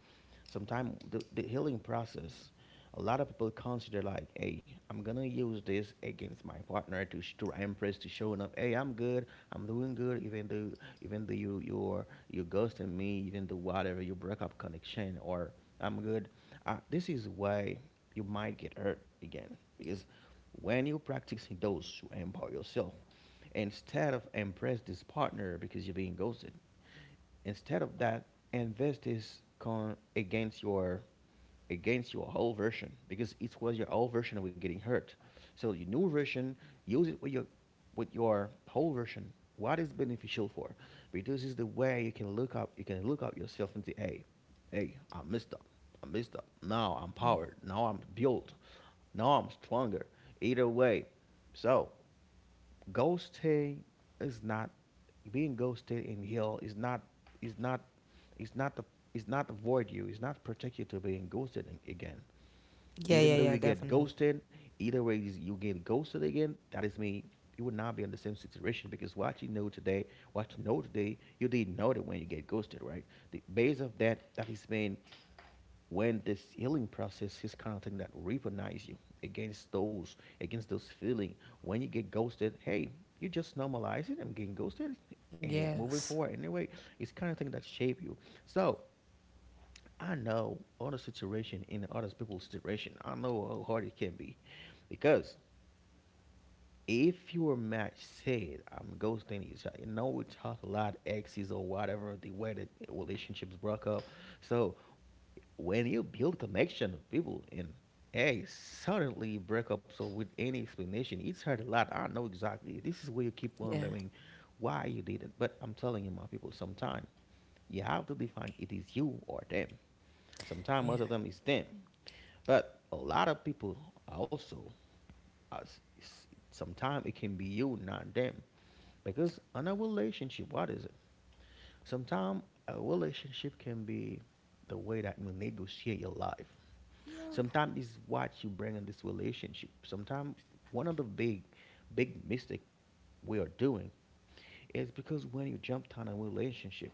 A: sometimes the healing process, a lot of people consider like, hey, I'm gonna use this against my partner to to impress, to showing up, hey, I'm good, I'm doing good, even though, even though you you're ghosting me, even though whatever you break up connection or I'm good. Uh, this is why you might get hurt again, because when you practicing those to empower yourself instead of impress this partner because you're being ghosted. Instead of that, invest is con against your, against your whole version, because it was your old version that was getting hurt. So your new version, use it with your, with your whole version. What is beneficial for? Because it's the way you can look up yourself and say, hey, hey, I messed up. I messed up. Now I'm powered. Now I'm built. Now I'm stronger. Either way. So ghosting is not, being ghosted in hell is not, is not, is not the, is not avoid you, it's not particular to being ghosted, again,
B: Yeah,
A: even
B: yeah,
A: though
B: yeah,
A: you get
B: definitely.
A: ghosted, either way is you get ghosted again, that is me, you would not be in the same situation, because what you know today, what you know today, you didn't know that when you get ghosted, right? The base of that, that is mean, when this healing process is kind of thing that recognize you against those, against those feeling, when you get ghosted, hey, you just normalize it, I'm getting ghosted and moving
B: Yes.
A: forward anyway. It's kind of thing that shape you. So I know other situation, in other people's situation, I know how hard it can be, because if your match said I'm ghosting each other, you know, we talk a lot exes or whatever, the way that relationships broke up. So when you build connection with people and, hey, suddenly break up so with any explanation, it's hurt a lot. I know exactly, this is where you keep
B: Yeah.
A: wondering why you did it, but I'm telling you, my people, sometime you have to define it is you or them. Sometimes
B: Yeah.
A: most of them is them, but a lot of people, also sometimes it can be you, not them. Because in a relationship, what is it? Sometimes a relationship can be the way that you negotiate your life. Sometimes it's what you bring in this relationship. Sometimes one of the big, big mistake we are doing is, because when you jump on a relationship,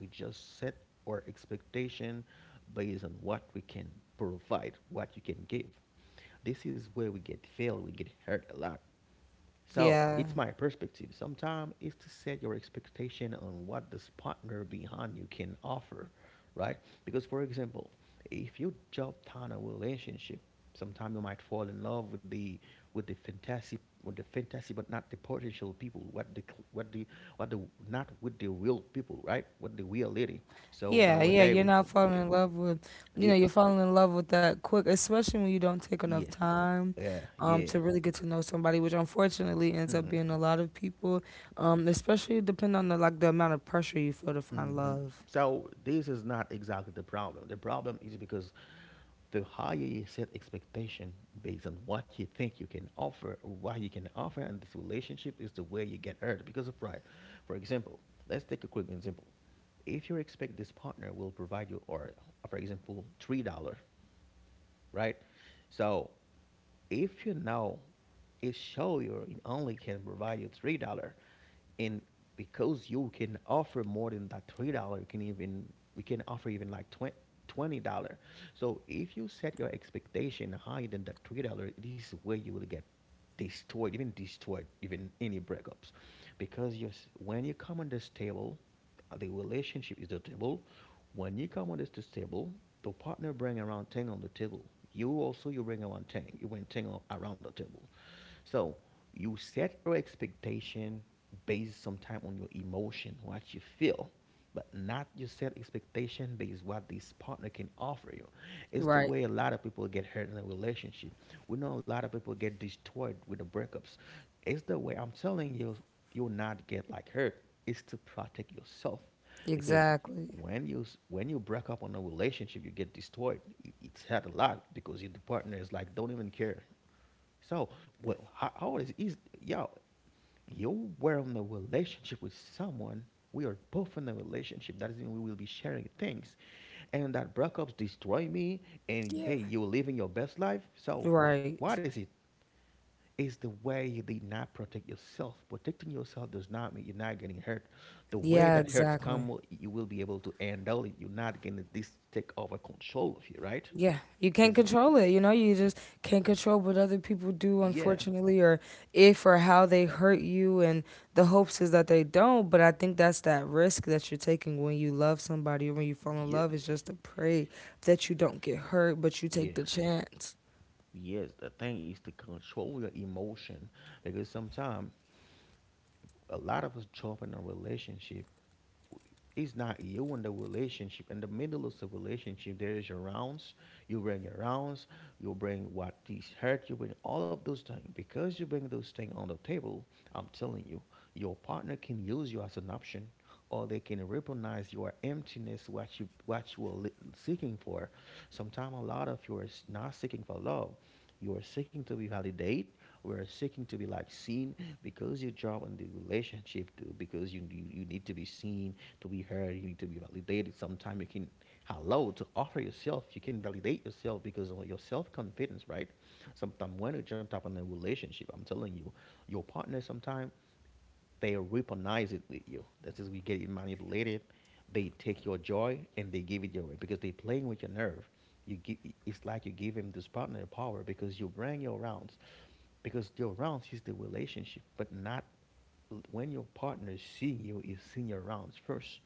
A: we just set our expectation based on what we can provide, what you can give. This is where we get failed, we get hurt a lot. So
B: Yeah.
A: it's my perspective. Sometimes it's to set your expectation on what this partner behind you can offer, right? Because for example, if you jump on a relationship, sometimes you might fall in love with the, with the fantasy, with the fantasy, but not the potential people, what the what the, what the, not with the real people, right, with the reality. So
B: Yeah, yeah,
A: nowadays
B: you're
A: we
B: not
A: feel
B: falling
A: okay.
B: in love with, you know, you're
A: Yes.
B: falling in love with that quick, especially when you don't take enough
A: Yeah.
B: time
A: Yeah, yeah.
B: to really get to know somebody, which unfortunately ends up
A: Hmm.
B: being a lot of people, especially depending on the like the amount of pressure you feel to find
A: Hmm.
B: love.
A: So this is not exactly the problem. The problem is because the higher you set expectation based on what you think you can offer, what you can offer, and this relationship, is the way you get hurt because of pride. For example, let's take a quick example. If you expect this partner will provide you, or, for example, $3, right? So if you know it show you it only can provide you $3, and because you can offer more than that $3, you can even, we can offer even like twenty dollar. So if you set your expectation higher than that $3, this is where you will get destroyed, even destroyed even any breakups, because you when you come on this table, the relationship is the table, when you come on this table, the partner bring around 10 on the table, you also you bring around 10, you bring 10 around the table. So you set your expectation based sometime on your emotion, what you feel, but not you set expectation based what this partner can offer you. It's the
B: Right.
A: way a lot of people get hurt in a relationship. We know a lot of people get destroyed with the breakups. It's the way I'm telling you, you'll not get like hurt. It's to protect yourself, because
B: Exactly.
A: when you when you break up on a relationship, you get destroyed. It's had a lot because your partner is like don't even care. So, well, how it is y'all? You were in a relationship with someone. We are both in a relationship. That doesn't mean we will be sharing things, and that breakups destroy me. And hey,
B: Yeah.
A: you're living your best life. So,
B: Right.
A: what is it? It's the way you did not protect yourself. Protecting yourself does not mean you're not getting hurt. The way
B: Yeah,
A: that hurts
B: exactly.
A: come, you will be able to handle it. You're not getting this take over control of you, right?
B: Yeah, you can't
A: This,
B: control it. You know, you just can't control what other people do,
A: yeah,
B: unfortunately, or if or how they hurt you. And the hopes is that they don't. But I think that's that risk that you're taking when you love somebody or when you fall in
A: yeah,
B: love is just to pray that you don't get hurt, but you take
A: yeah.
B: the chance.
A: Yes, the thing is to control your emotion, because sometimes a lot of us jump in a relationship, it's not you in the relationship. In the middle of the relationship, there is your rounds. You bring your rounds. You bring what is hurt. You bring all of those things. Because you bring those things on the table, I'm telling you, your partner can use you as an option, or they can recognize your emptiness, what you are seeking for. Sometimes a lot of you are not seeking for love. You are seeking to be validated. We are seeking to be like seen because you drop in the relationship to because you need to be seen to be heard, you need to be validated. Sometimes you can hello to offer yourself, you can validate yourself because of your self-confidence, right? Sometimes when you jump up in a relationship, I'm telling you, your partner sometimes they weaponize it with you. That is we get it manipulated. They take your joy and they give it your way because they playing with your nerve. you give, it's like you give him this partner power because you bring your rounds, because your rounds is the relationship. But not when your partner see you is seeing your rounds first.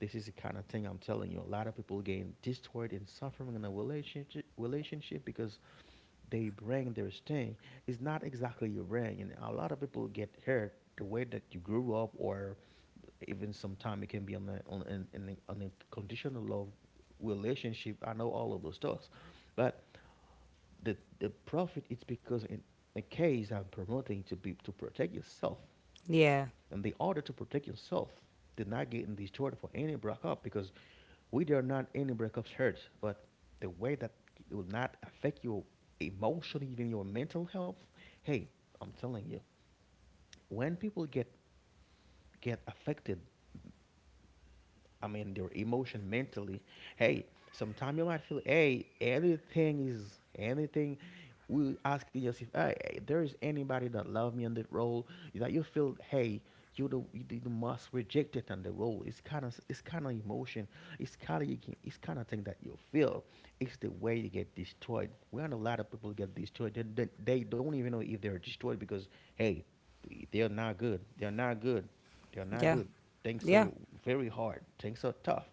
A: This is the kind of thing I'm telling you. A lot of people getting destroyed and suffering in a relationship because they bring their sting. It's not exactly your brain, and a lot of people get hurt the way that you grew up, or even sometimes it can be on a on an on a conditional love relationship. I know all of those stuff, but the profit it's because in a case I'm promoting to be to protect yourself,
B: Yeah,
A: and the order to protect yourself did not get in this order for any breakup. Because we are not any breakups hurt, but the way that it will not affect your emotion, even your mental health. Hey, I'm telling you, when people get affected, I mean, their emotion mentally. Hey, sometimes you might feel, hey, anything is anything. We asking yourself, hey, hey, there is anybody that love me on the role, that you feel, hey, you the most rejected on the role. It's kind of emotion. It's kind of you can, it's kind of thing that you feel. It's the way you get destroyed. We know a lot of people get destroyed. They don't even know if they're destroyed because hey, they're not good. They're not good. They're not
B: yeah,
A: good. Things
B: yeah.
A: are very hard. Things are tough.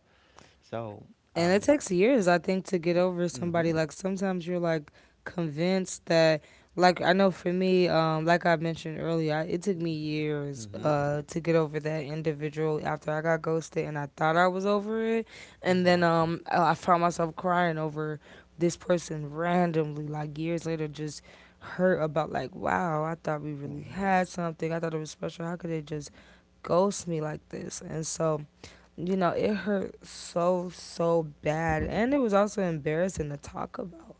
A: So
B: And it
A: um.
B: takes years, I think, to get over somebody.
A: Mhm.
B: Like sometimes you're like convinced that, like I know for me, like I mentioned earlier, it took me years
A: Mhm.
B: to get over that individual after I got ghosted and I thought I was over it, and then I found myself crying over this person randomly, like years later, just hurt about like, wow, I thought we really
A: Mhm.
B: had something. I thought it was special. How could they just ghost me like this? And so you know, it hurt so, so bad. And it was also embarrassing to talk about.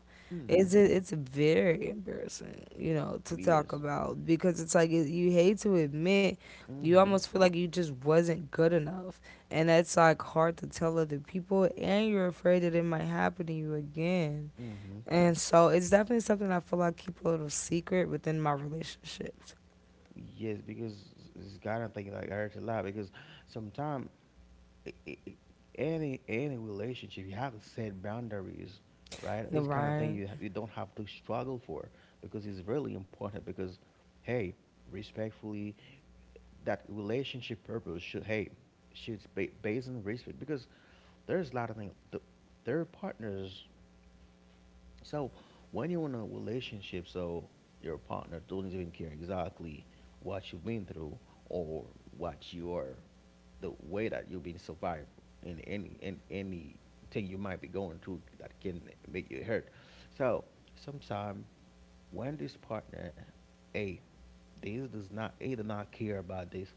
B: It's
A: Mhm.
B: it, it's very embarrassing, you know, to talk
A: Yes.
B: about because it's like it, you hate to admit you
A: Mhm.
B: almost feel like you just wasn't good enough. And that's like hard to tell other people and you're afraid that it might happen to you again.
A: Mhm.
B: And so it's definitely something I feel like keep a little secret within my relationships.
A: Yes, because it's kind of thing like I heard a lot. Because sometimes any relationship you have to set boundaries, right?
B: You're
A: This kind of thing
B: right.
A: you you don't have to struggle for, because it's really important. Because hey, respectfully, that relationship purpose should hey should be based on respect. Because there's a lot of things. The, their partners. So when you're in a relationship, so your partner doesn't even care exactly what you've been through or what you are, the way that you've been survived in any thing you might be going through that can make you hurt. So sometimes when this partner A these does not either not care about this.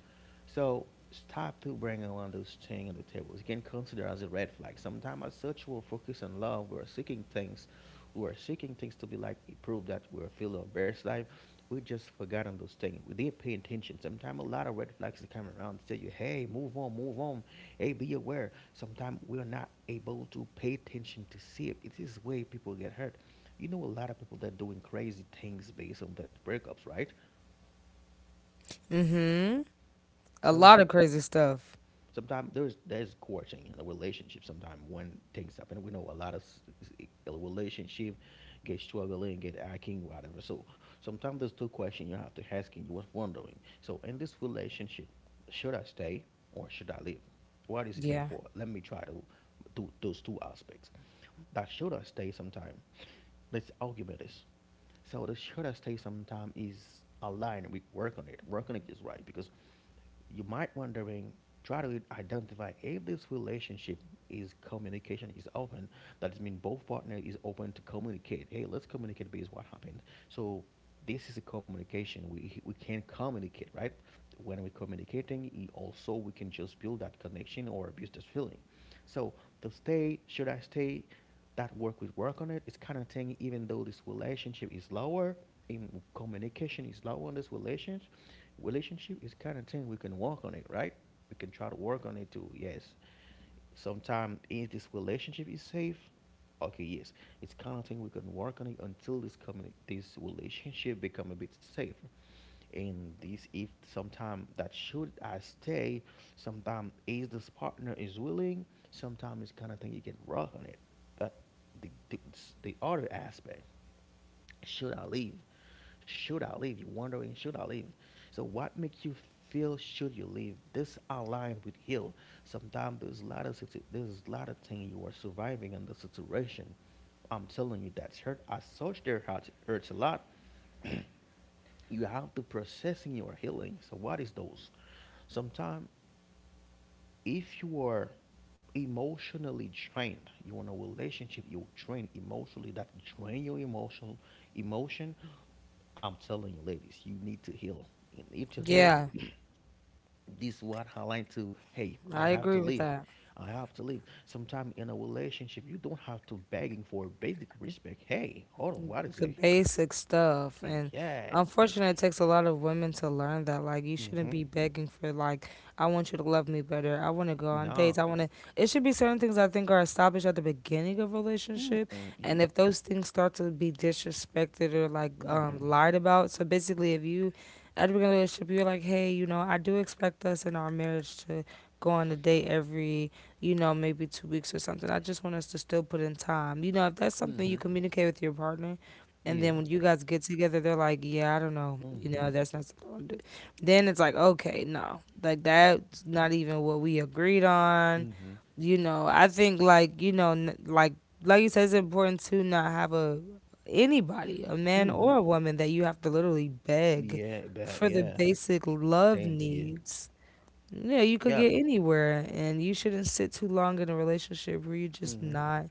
A: So stop to two bringing one of those things on the table. It can consider as a red flag. Sometimes as such we're focused on love, we're seeking things to be like prove that we're feeling our best life. We just forgot on those things. We didn't pay attention. Sometimes a lot of red flags that come around tell you, hey, move on, move on. Hey, be aware. Sometimes we're not able to pay attention to see it. It is the way people get hurt. You know a lot of people that doing crazy things based on that breakups, right?
B: Mhm. A
A: So
B: lot
A: some
B: of crazy stuff.
A: sometimes there's courting in a relationship. Sometimes one things happen, we know a lot of a relationship get struggling, get acting, whatever. So sometimes there's two questions you have to ask and you was wondering, so in this relationship, should I stay or should I leave? What does it mean?
B: Yeah.
A: For let me try to do those two aspects. That should I stay sometime, let's argument this. So the should I stay sometime is aligned. We work on it. Work on it is right, because you might wondering, try to identify if this relationship is communication is open. That means both partner is open to communicate, hey, let's communicate based what happened. So this is a communication, we can communicate, right? When we're communicating, also we can just build that connection or abuse this feeling. So to stay, should I stay, that work, we work on it, it's kind of thing. Even though this relationship is lower in communication, is low on this relationship, relationship is kind of thing we can work on it, right? We can try to work on it too. Yes. Sometimes is this relationship is safe? Okay, yes. It's kind of thing we can work on it until this this relationship become a bit safer. And this if sometime that should I stay, sometime is this partner is willing, sometimes it's kind of thing you can work on it. But the the other aspect, should I leave? Should I leave? You're wondering, should I leave? So what makes you feel should you leave? This aligned with heal. Sometimes there's a lot of thing you are surviving in the situation. I'm telling you that's hurt. I such there hurts hurts a lot. You have to processing your healing. So what is those? Sometimes if you are emotionally drained, you're in a relationship, you're drained emotionally, that drain your emotional emotion, I'm telling you, ladies, you need to heal. You need to heal
B: Yeah.
A: this one hotline to, hey, I
B: I
A: have
B: agree
A: to
B: with
A: leave.
B: that.
A: I have to leave. Sometime in a relationship, you don't have to begging for basic respect. Hey, hold on, what is
B: The
A: it?
B: basic stuff, and
A: Yeah.
B: unfortunately it takes a lot of women to learn that, like, you shouldn't
A: Mm-hmm.
B: be begging for, like, I want you to love me better, I want to go on dates,
A: No.
B: I want to, it should be certain things I think are established at the beginning of a relationship.
A: Mm-mm. You.
B: And if those things start to be disrespected or like
A: Mm-hmm.
B: lied about, so basically if you at the beginning of the relationship you're like, hey, you know, I do expect us in our marriage to go on a date every, you know, maybe 2 weeks or something. I just want us to still put in time, you know, if that's something you
A: Mm-hmm.
B: communicate with your partner. And then
A: Yeah.
B: when you guys get together, they're like, "Yeah, I don't know, you
A: Mm-hmm.
B: know, that's not something I want to do." Then it's like, "Okay, no, like that's not even what we agreed on."
A: Mm-hmm.
B: You know, I think like you know, like you said, it's important to not have a anybody, a man
A: Mm-hmm.
B: or a woman, that you have to literally beg
A: Yeah, but
B: for the
A: yeah.
B: basic love
A: Thanks, yeah.
B: needs. Yeah, you could
A: Yeah.
B: get anywhere, and you shouldn't sit too long in a relationship where you're just
A: Mm-hmm.
B: not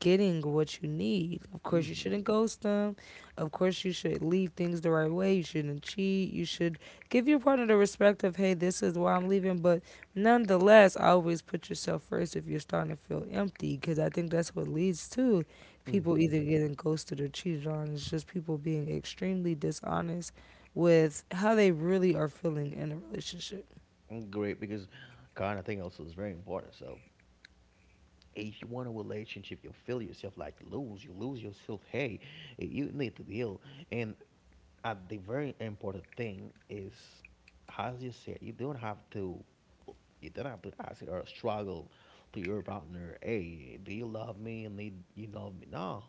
B: getting what you need. Of course, you
A: Mm-hmm.
B: shouldn't ghost them. Of course, you should leave things the right way. You shouldn't cheat. You should give your partner the respect of, hey, this is why I'm leaving. But nonetheless, always put yourself first if you're starting to feel empty, because I think that's what leads to people
A: Mm-hmm.
B: either getting ghosted or cheated on. It's just people being extremely dishonest with how they really are feeling in a relationship.
A: Mm, great, because kind of thing also is very important. So if you want a relationship, you feel yourself like lose, you lose yourself. Hey, you need to heal. And at the very important thing is, as you said, you don't have to ask or struggle to your partner. Hey, do you love me? And they, you love me? No,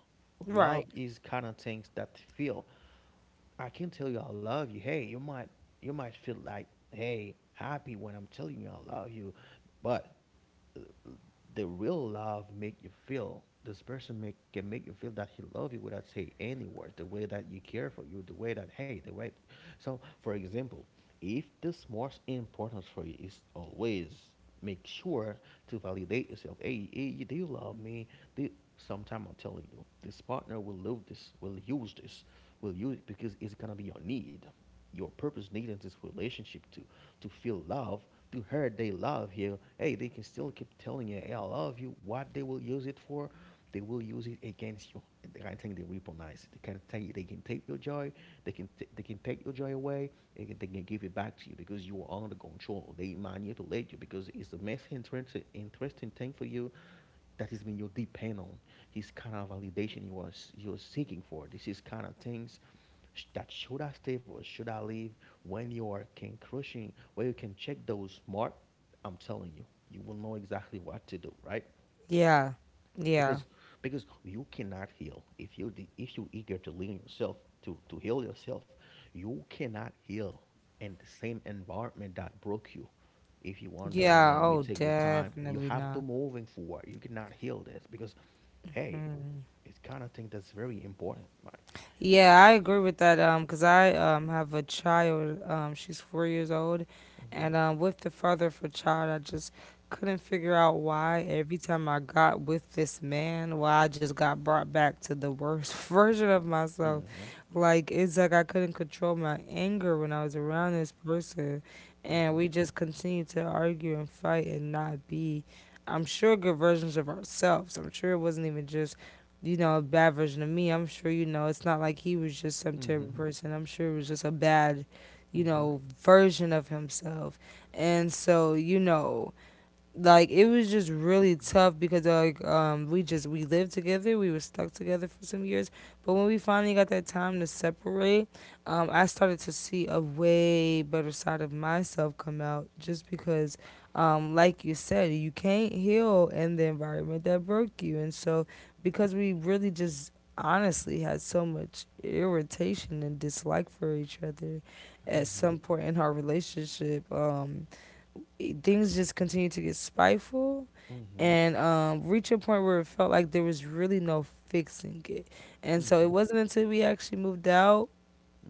A: love
B: Right.
A: is kind of things that feel. I can tell you I love you. Hey, you might feel like, hey, happy when I'm telling you I love you. But the real love make you feel this person make can make you feel that he love you without say any words, the way that you care for you, the way that hey, the way. So for example, if this most important for you is always make sure to validate yourself, hey, hey do you love me, do you- sometime I'm telling you, this partner will love this, will use it because it's gonna be your need, your purpose need in this relationship to feel love. To her they love you, hey, they can still keep telling you, hey, I love you. What they will use it for, they will use it against you. And the kind of thing they recognize, they can take your joy. They can take your joy away. They can give it back to you because you are under control. They manipulate you because it's the most interesting thing for you. That is when you depend on. It's kind of validation you are you're seeking for. This is kind of things that should I stay or should I leave. When you are can crushing, where you can check those mark, I'm telling you, you will know exactly what to do, right?
B: Yeah. Yeah.
A: because because you cannot heal if you if you eager to lean yourself to heal yourself, you cannot heal in the same environment that broke you. If you're wondering,
B: Yeah.
A: let me
B: Oh,
A: take the time, you
B: definitely
A: have to
B: not.
A: moving forward, you cannot heal this because hey,
B: Mm.
A: it's kind of thing that's very important, right?
B: Yeah, I agree with that. Cause I have a child. She's 4 years old,
A: Mm-hmm.
B: and with the father of her child, I just couldn't figure out why every time I got with this man, why I just got brought back to the worst [LAUGHS] version of myself.
A: Mm-hmm.
B: Like it's like I couldn't control my anger when I was around this person, and we just continued to argue and fight and not be. I'm sure good versions of ourselves. I'm sure it wasn't even just you know, a bad version of me. I'm sure, you know, it's not like he was just some terrible
A: Mm-hmm.
B: person. I'm sure it was just a bad, you
A: Mm-hmm.
B: know, version of himself. And so, you know, like it was just really tough because like we just we lived together, we were stuck together for some years, but when we finally got that time to separate, I started to see a way better side of myself come out just because like you said, you can't heal in the environment that broke you. And so because we really just honestly had so much irritation and dislike for each other at
A: Mm-hmm.
B: some point in our relationship. Things just continued to get spiteful
A: Mm-hmm.
B: and reach a point where it felt like there was really no fixing it. And so
A: Mm-hmm.
B: it wasn't until we actually moved out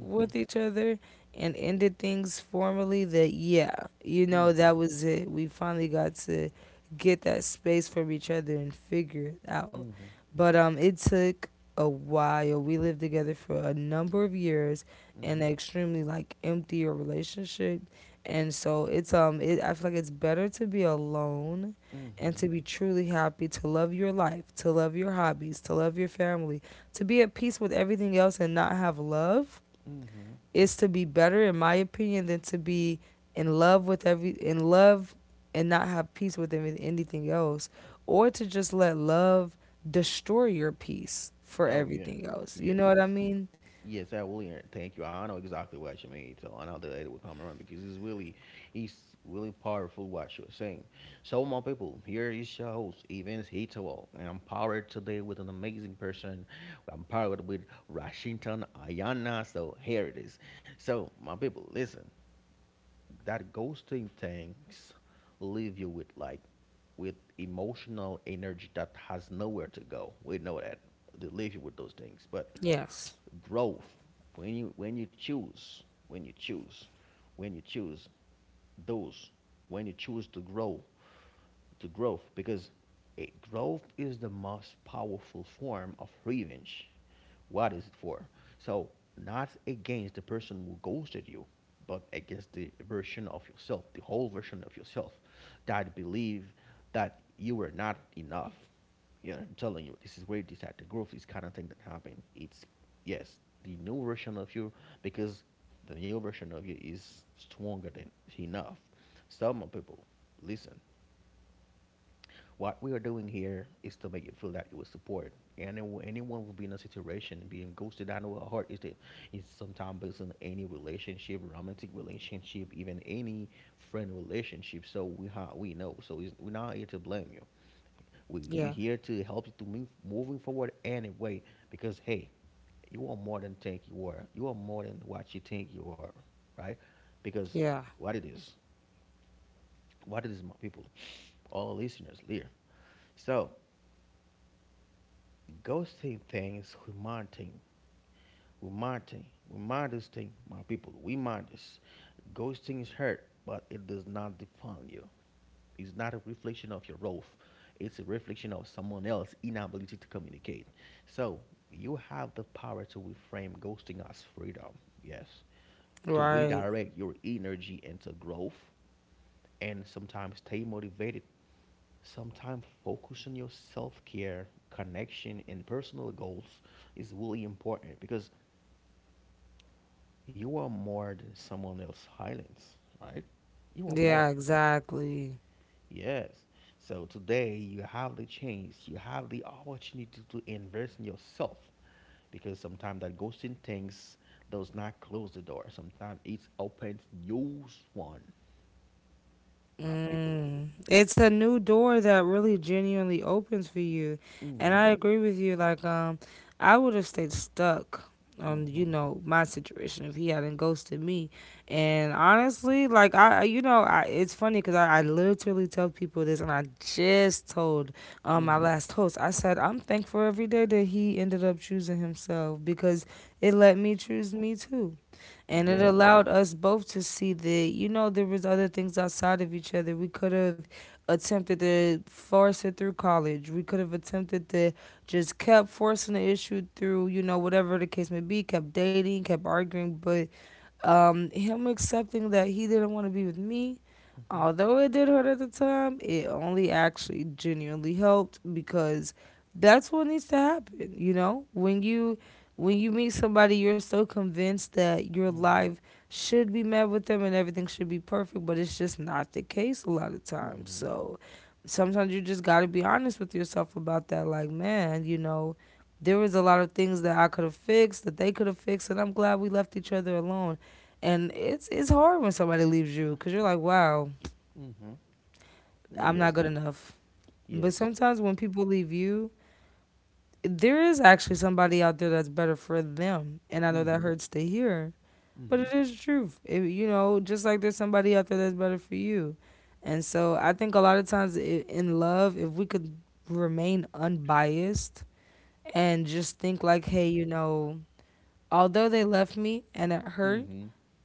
A: Mm-hmm.
B: with each other and ended things formally that yeah, you know, that was it, we finally got to get that space from each other and figure it out.
A: Mm-hmm.
B: But it took a while. We lived together for a number of years in
A: Mm-hmm.
B: an extremely like emptier relationship. And so it's I feel like it's better to be alone and
A: Mm-hmm.
B: to be truly happy, to love your life, to love your hobbies, to love your family, to be at peace with everything else and not have love,
A: Mm-hmm.
B: is to be better in my opinion than to be in love with every in love and not have peace with anything else, or to just let love destroy your peace for
A: Oh yeah.
B: everything else. You
A: Yes.
B: know what I
A: It's,
B: mean?
A: yes, I will. Hear thank you. I know exactly what you mean. So I know that it will come around because it's really powerful what you're saying. So my people, here is your host, Evans Hitowell, and I'm powered today with an amazing person. I'm powered with Washington Ayana. So here it is. So my people, listen. That ghosting things leave you with like with emotional energy that has nowhere to go. We know that they leave you with those things. But
B: Yes.
A: growth, when you when you choose, when you choose, when you choose those, when you choose to grow, to growth, because it, growth is the most powerful form of revenge. What is it for? So, not against the person who ghosted you, but against the version of yourself, the whole version of yourself that believe that you were not enough. Yeah, I'm telling you, this is where this at the growth is kind of thing that happened. It's yes, the new version of you because the new version of you is stronger than enough. Some people listen. What we are doing here is to make you feel that you were supported. And then anyone will be in a situation being ghosted. I know how hard is it is sometimes based on any relationship, romantic relationship, even any friend relationship. So we know. So it's, we're not here to blame you. We
B: Yeah.
A: here to help you to move moving forward anyway. Because hey, you are more than think you are. You are more than what you think you are, right? Because
B: Yeah.
A: what it is, what it is, my people, all listeners, here. So ghosting thing is humanity. Humanity. Humanity's thing, my people. We Humanities. Ghosting is hurt, but it does not define you. It's not a reflection of your worth. It's a reflection of someone else's inability to communicate. So you have the power to reframe ghosting as freedom. Yes. To
B: Right.
A: redirect your energy into growth and sometimes stay motivated. Sometimes focus on your self care, connection, and personal goals is really important because you are more than someone else's highlights, right? You are
B: Yeah,
A: more.
B: exactly.
A: Yes. So today you have the chance, you have the opportunity to invest in yourself because sometimes that ghosting things does not close the door. Sometimes it opens new one, my people.
B: Mm. It's a new door that really genuinely opens for you. And
A: Mm-hmm.
B: I agree with you. Like, I would have stayed stuck on, you
A: Mm-hmm.
B: know, my situation if he hadn't ghosted me. And honestly, like, you know, I, it's funny because I literally tell people this, and I just told my
A: Mm-hmm.
B: last host, I said, I'm thankful every day that he ended up choosing himself, because it let me choose me too, and it
A: Yes.
B: allowed us both to see that you know there was other things outside of each other. We could have attempted to force it through college, we could have attempted to just kept forcing the issue through, you know, whatever the case may be, kept dating, kept arguing. But him accepting that he didn't want to be with me,
A: Mm-hmm.
B: although it did hurt at the time, it only actually genuinely helped because that's what needs to happen. You know, when you meet somebody, you're so convinced that your
A: Mm-hmm.
B: life should be met with them and everything should be perfect, but it's just not the case a lot of times.
A: Mm-hmm.
B: So sometimes you just got to be honest with yourself about that. Like, man, you know, there was a lot of things that I could have fixed, that they could have fixed, and I'm glad we left each other alone. And it's hard when somebody leaves you because you're like, wow,
A: Mm-hmm.
B: I'm not
A: Yes.
B: good enough. But
A: Yes.
B: sometimes when people leave you, there is actually somebody out there that's better for them, and I know that
A: Mm-hmm.
B: hurts to hear, but
A: Mm-hmm.
B: it is the truth. It, you know, just like there's somebody out there that's better for you, and so I think a lot of times in love, if we could remain unbiased and just think like, hey, you know, although they left me and it hurt,
A: Mm-hmm.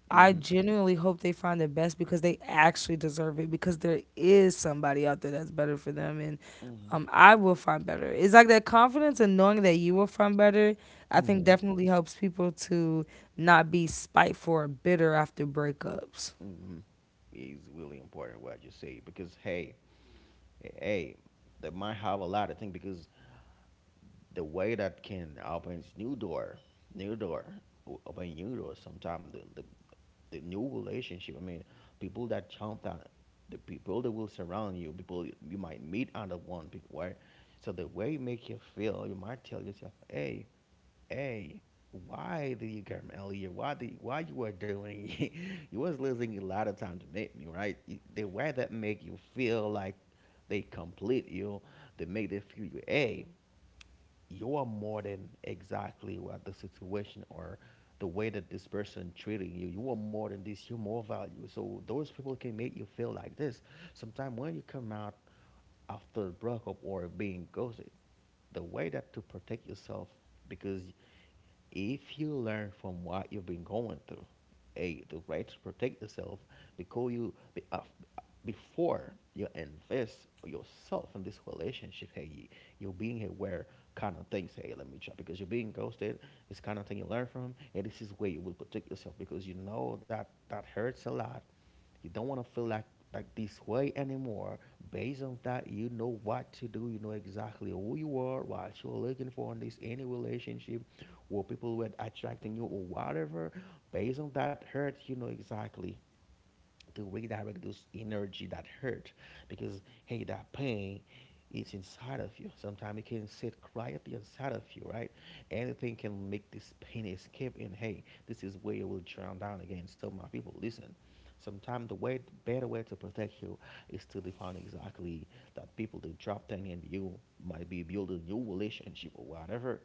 B: I
A: Mm-hmm.
B: genuinely hope they find the best because they actually deserve it because there is somebody out there that's better for them. And
A: Mm-hmm.
B: I will find better. It's like that confidence and knowing that you will find better, I think,
A: Mm-hmm.
B: definitely helps people to not be spiteful or bitter after breakups.
A: Mm-hmm. It's really important what you say because hey, hey, they might have a lot of things because the way that can opens new door, open new door. Sometimes the the new relationship. I mean, people that jump that the people that will surround you, people you might meet under one people, right? So the way it make you feel, you might tell yourself, hey. Hey, why did you come earlier? Why you were doing? [LAUGHS] You was losing a lot of time to make me right. You- The way that make you feel like they complete you, they make they feel you. Hey, you are more than exactly what the situation or the way that this person treating you. You are more than this. You're more value. So those people can make you feel like this. Sometimes when you come out after a breakup or being ghosted, the way that to protect yourself because if you learn from what you've been going through, a the right to protect yourself because you be, before you invest yourself in this relationship, hey, you're being aware kind of things. Hey, let me try because you're being ghosted. It's kind of thing you learn from, and this is where you will protect yourself because you know that that hurts a lot. You don't want to feel like this way anymore. Based on that, you know what to do. You know exactly who you are, what you're looking for in this any relationship, or people were attracting you or whatever. Based on that hurt, you know exactly to redirect those energy that hurt because hey, that pain is inside of you. Sometimes it can sit quietly inside of you, right? Anything can make this pain escape and hey, this is where you will drown down again. So my people, listen. Sometimes the way better way to protect you is to define exactly that people that drop down and you might be building a new relationship or whatever.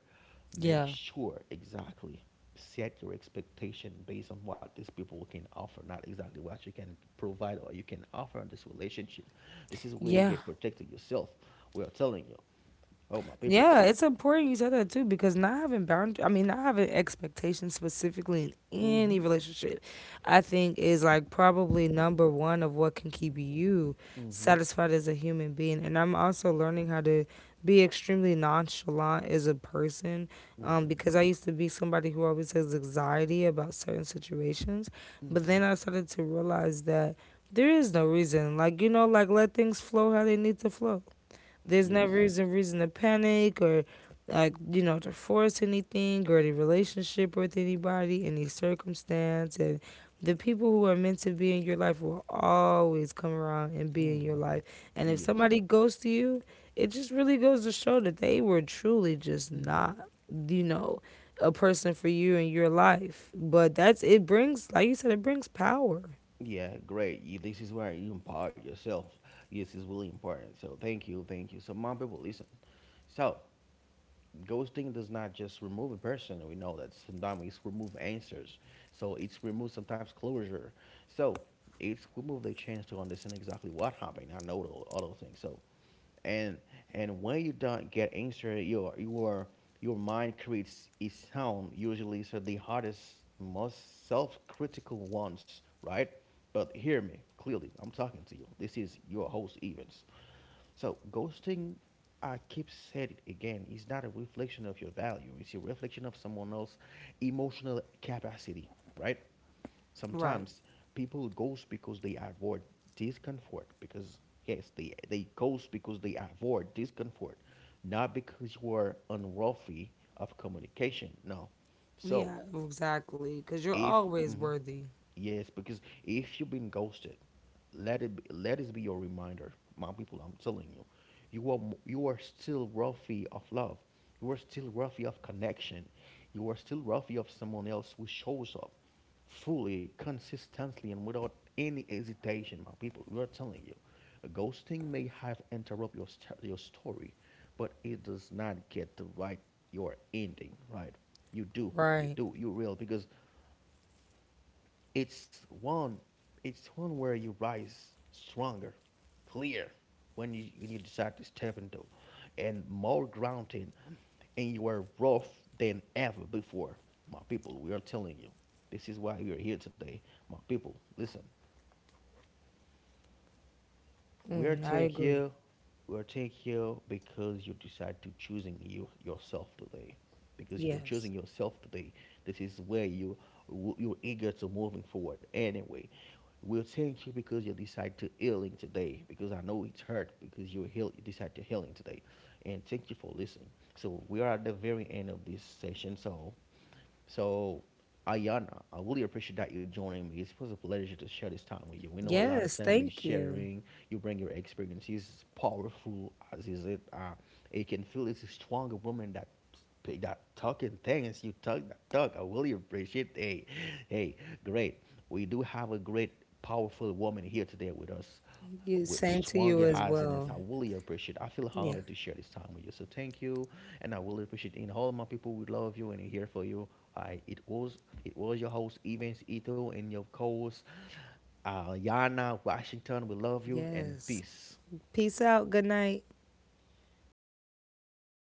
A: Make
B: Yeah.
A: sure exactly set your expectation based on what these people can offer, not exactly what you can provide or you can offer in this relationship. This is where you
B: Yeah.
A: get protected yourself. We are telling you, oh my people,
B: Yeah,
A: so,
B: it's important you said that too, because not having not having expectations specifically in any
A: mm-hmm,
B: relationship, I think is like probably number one of what can keep you
A: mm-hmm,
B: satisfied as a human being. And I'm also learning how to be extremely nonchalant as a person
A: mm-hmm,
B: because I used to be somebody who always has anxiety about certain situations. But
A: mm-hmm,
B: then I started to realize that there is no reason. Like, you know, like let things flow how they need to flow. There's
A: yes,
B: never reason to panic or like you know to force anything or any relationship with anybody, any circumstance. And the people who are meant to be in your life will always come around and be in your
A: mm-hmm,
B: life. And if
A: yes.
B: somebody goes to you, it just really goes to show that they were truly just
A: Mm-hmm.
B: not, you know, a person for you in your life. But that's it brings, like you said, it brings power.
A: Yeah, great. You, this is where you empower yourself. Yes, it's really important. So thank you, thank you. So my people, listen. So ghosting does not just remove a person. We know that sometimes it's remove answers. So it's remove sometimes closure. So it's remove the chance to understand exactly what happened. I know all those things. So and and when you don't get answer, your your mind creates its own. Usually, so the hardest, most self-critical ones, right? But hear me clearly. I'm talking to you. This is your host Evans. So ghosting, I keep saying it again, is not a reflection of your value. It's a reflection of someone else's emotional capacity, right?
B: Right.
A: Sometimes people goes because they avoid discomfort because yes, they goes because they avoid discomfort, not because you are unworthy of communication. No. So
B: Yeah, exactly. Because you're
A: if
B: always
A: mhm,
B: worthy.
A: yes, because if you've been ghosted, let it be your reminder, my people. I'm telling you, you are still worthy of love. You are still worthy of connection. You are still worthy of someone else who shows up fully, consistently, and without any hesitation, my people. We are telling you, a ghosting may have interrupt your story, but it does not get to write your ending. Right?
B: Right.
A: You real because it's one, it's one where you rise stronger, clear when you decide to step into, and more grounded and you are rough than ever before. My people, we are telling you, this is why we are here today. My people, listen. We're
B: Mm, I
A: take
B: agree.
A: you. We're take you because you decide to choosing you yourself today. Because you're
B: Yes.
A: choosing yourself today. This is where you're eager to moving forward. Anyway, we'll thank you because you decide to healing today. Because I know it's hurt because you decide to healing today. And thank you for listening. So we are at the very end of this session. So so, Ayana, I really appreciate that you are joining me. It's was a pleasure to share this time with you. We know a lot of
B: Yes,
A: time be
B: thank you.
A: sharing. You bring your experiences, powerful as is it. You can feel it's a stronger woman that pick that talking things. You talk that talk. I really appreciate. Hey, hey, great. We do have a great, powerful woman here today with us
B: You
A: with
B: same to you
A: stronger
B: as
A: happiness.
B: well.
A: I really appreciate. It. I feel
B: Yeah.
A: honored to share this time with you. So thank you, and I really appreciate. It. And all my people, we love you and here for you. I it was your host Evans Ito and your co-host Yana Washington. We love you and
B: Yes.
A: peace.
B: Peace out. Good night.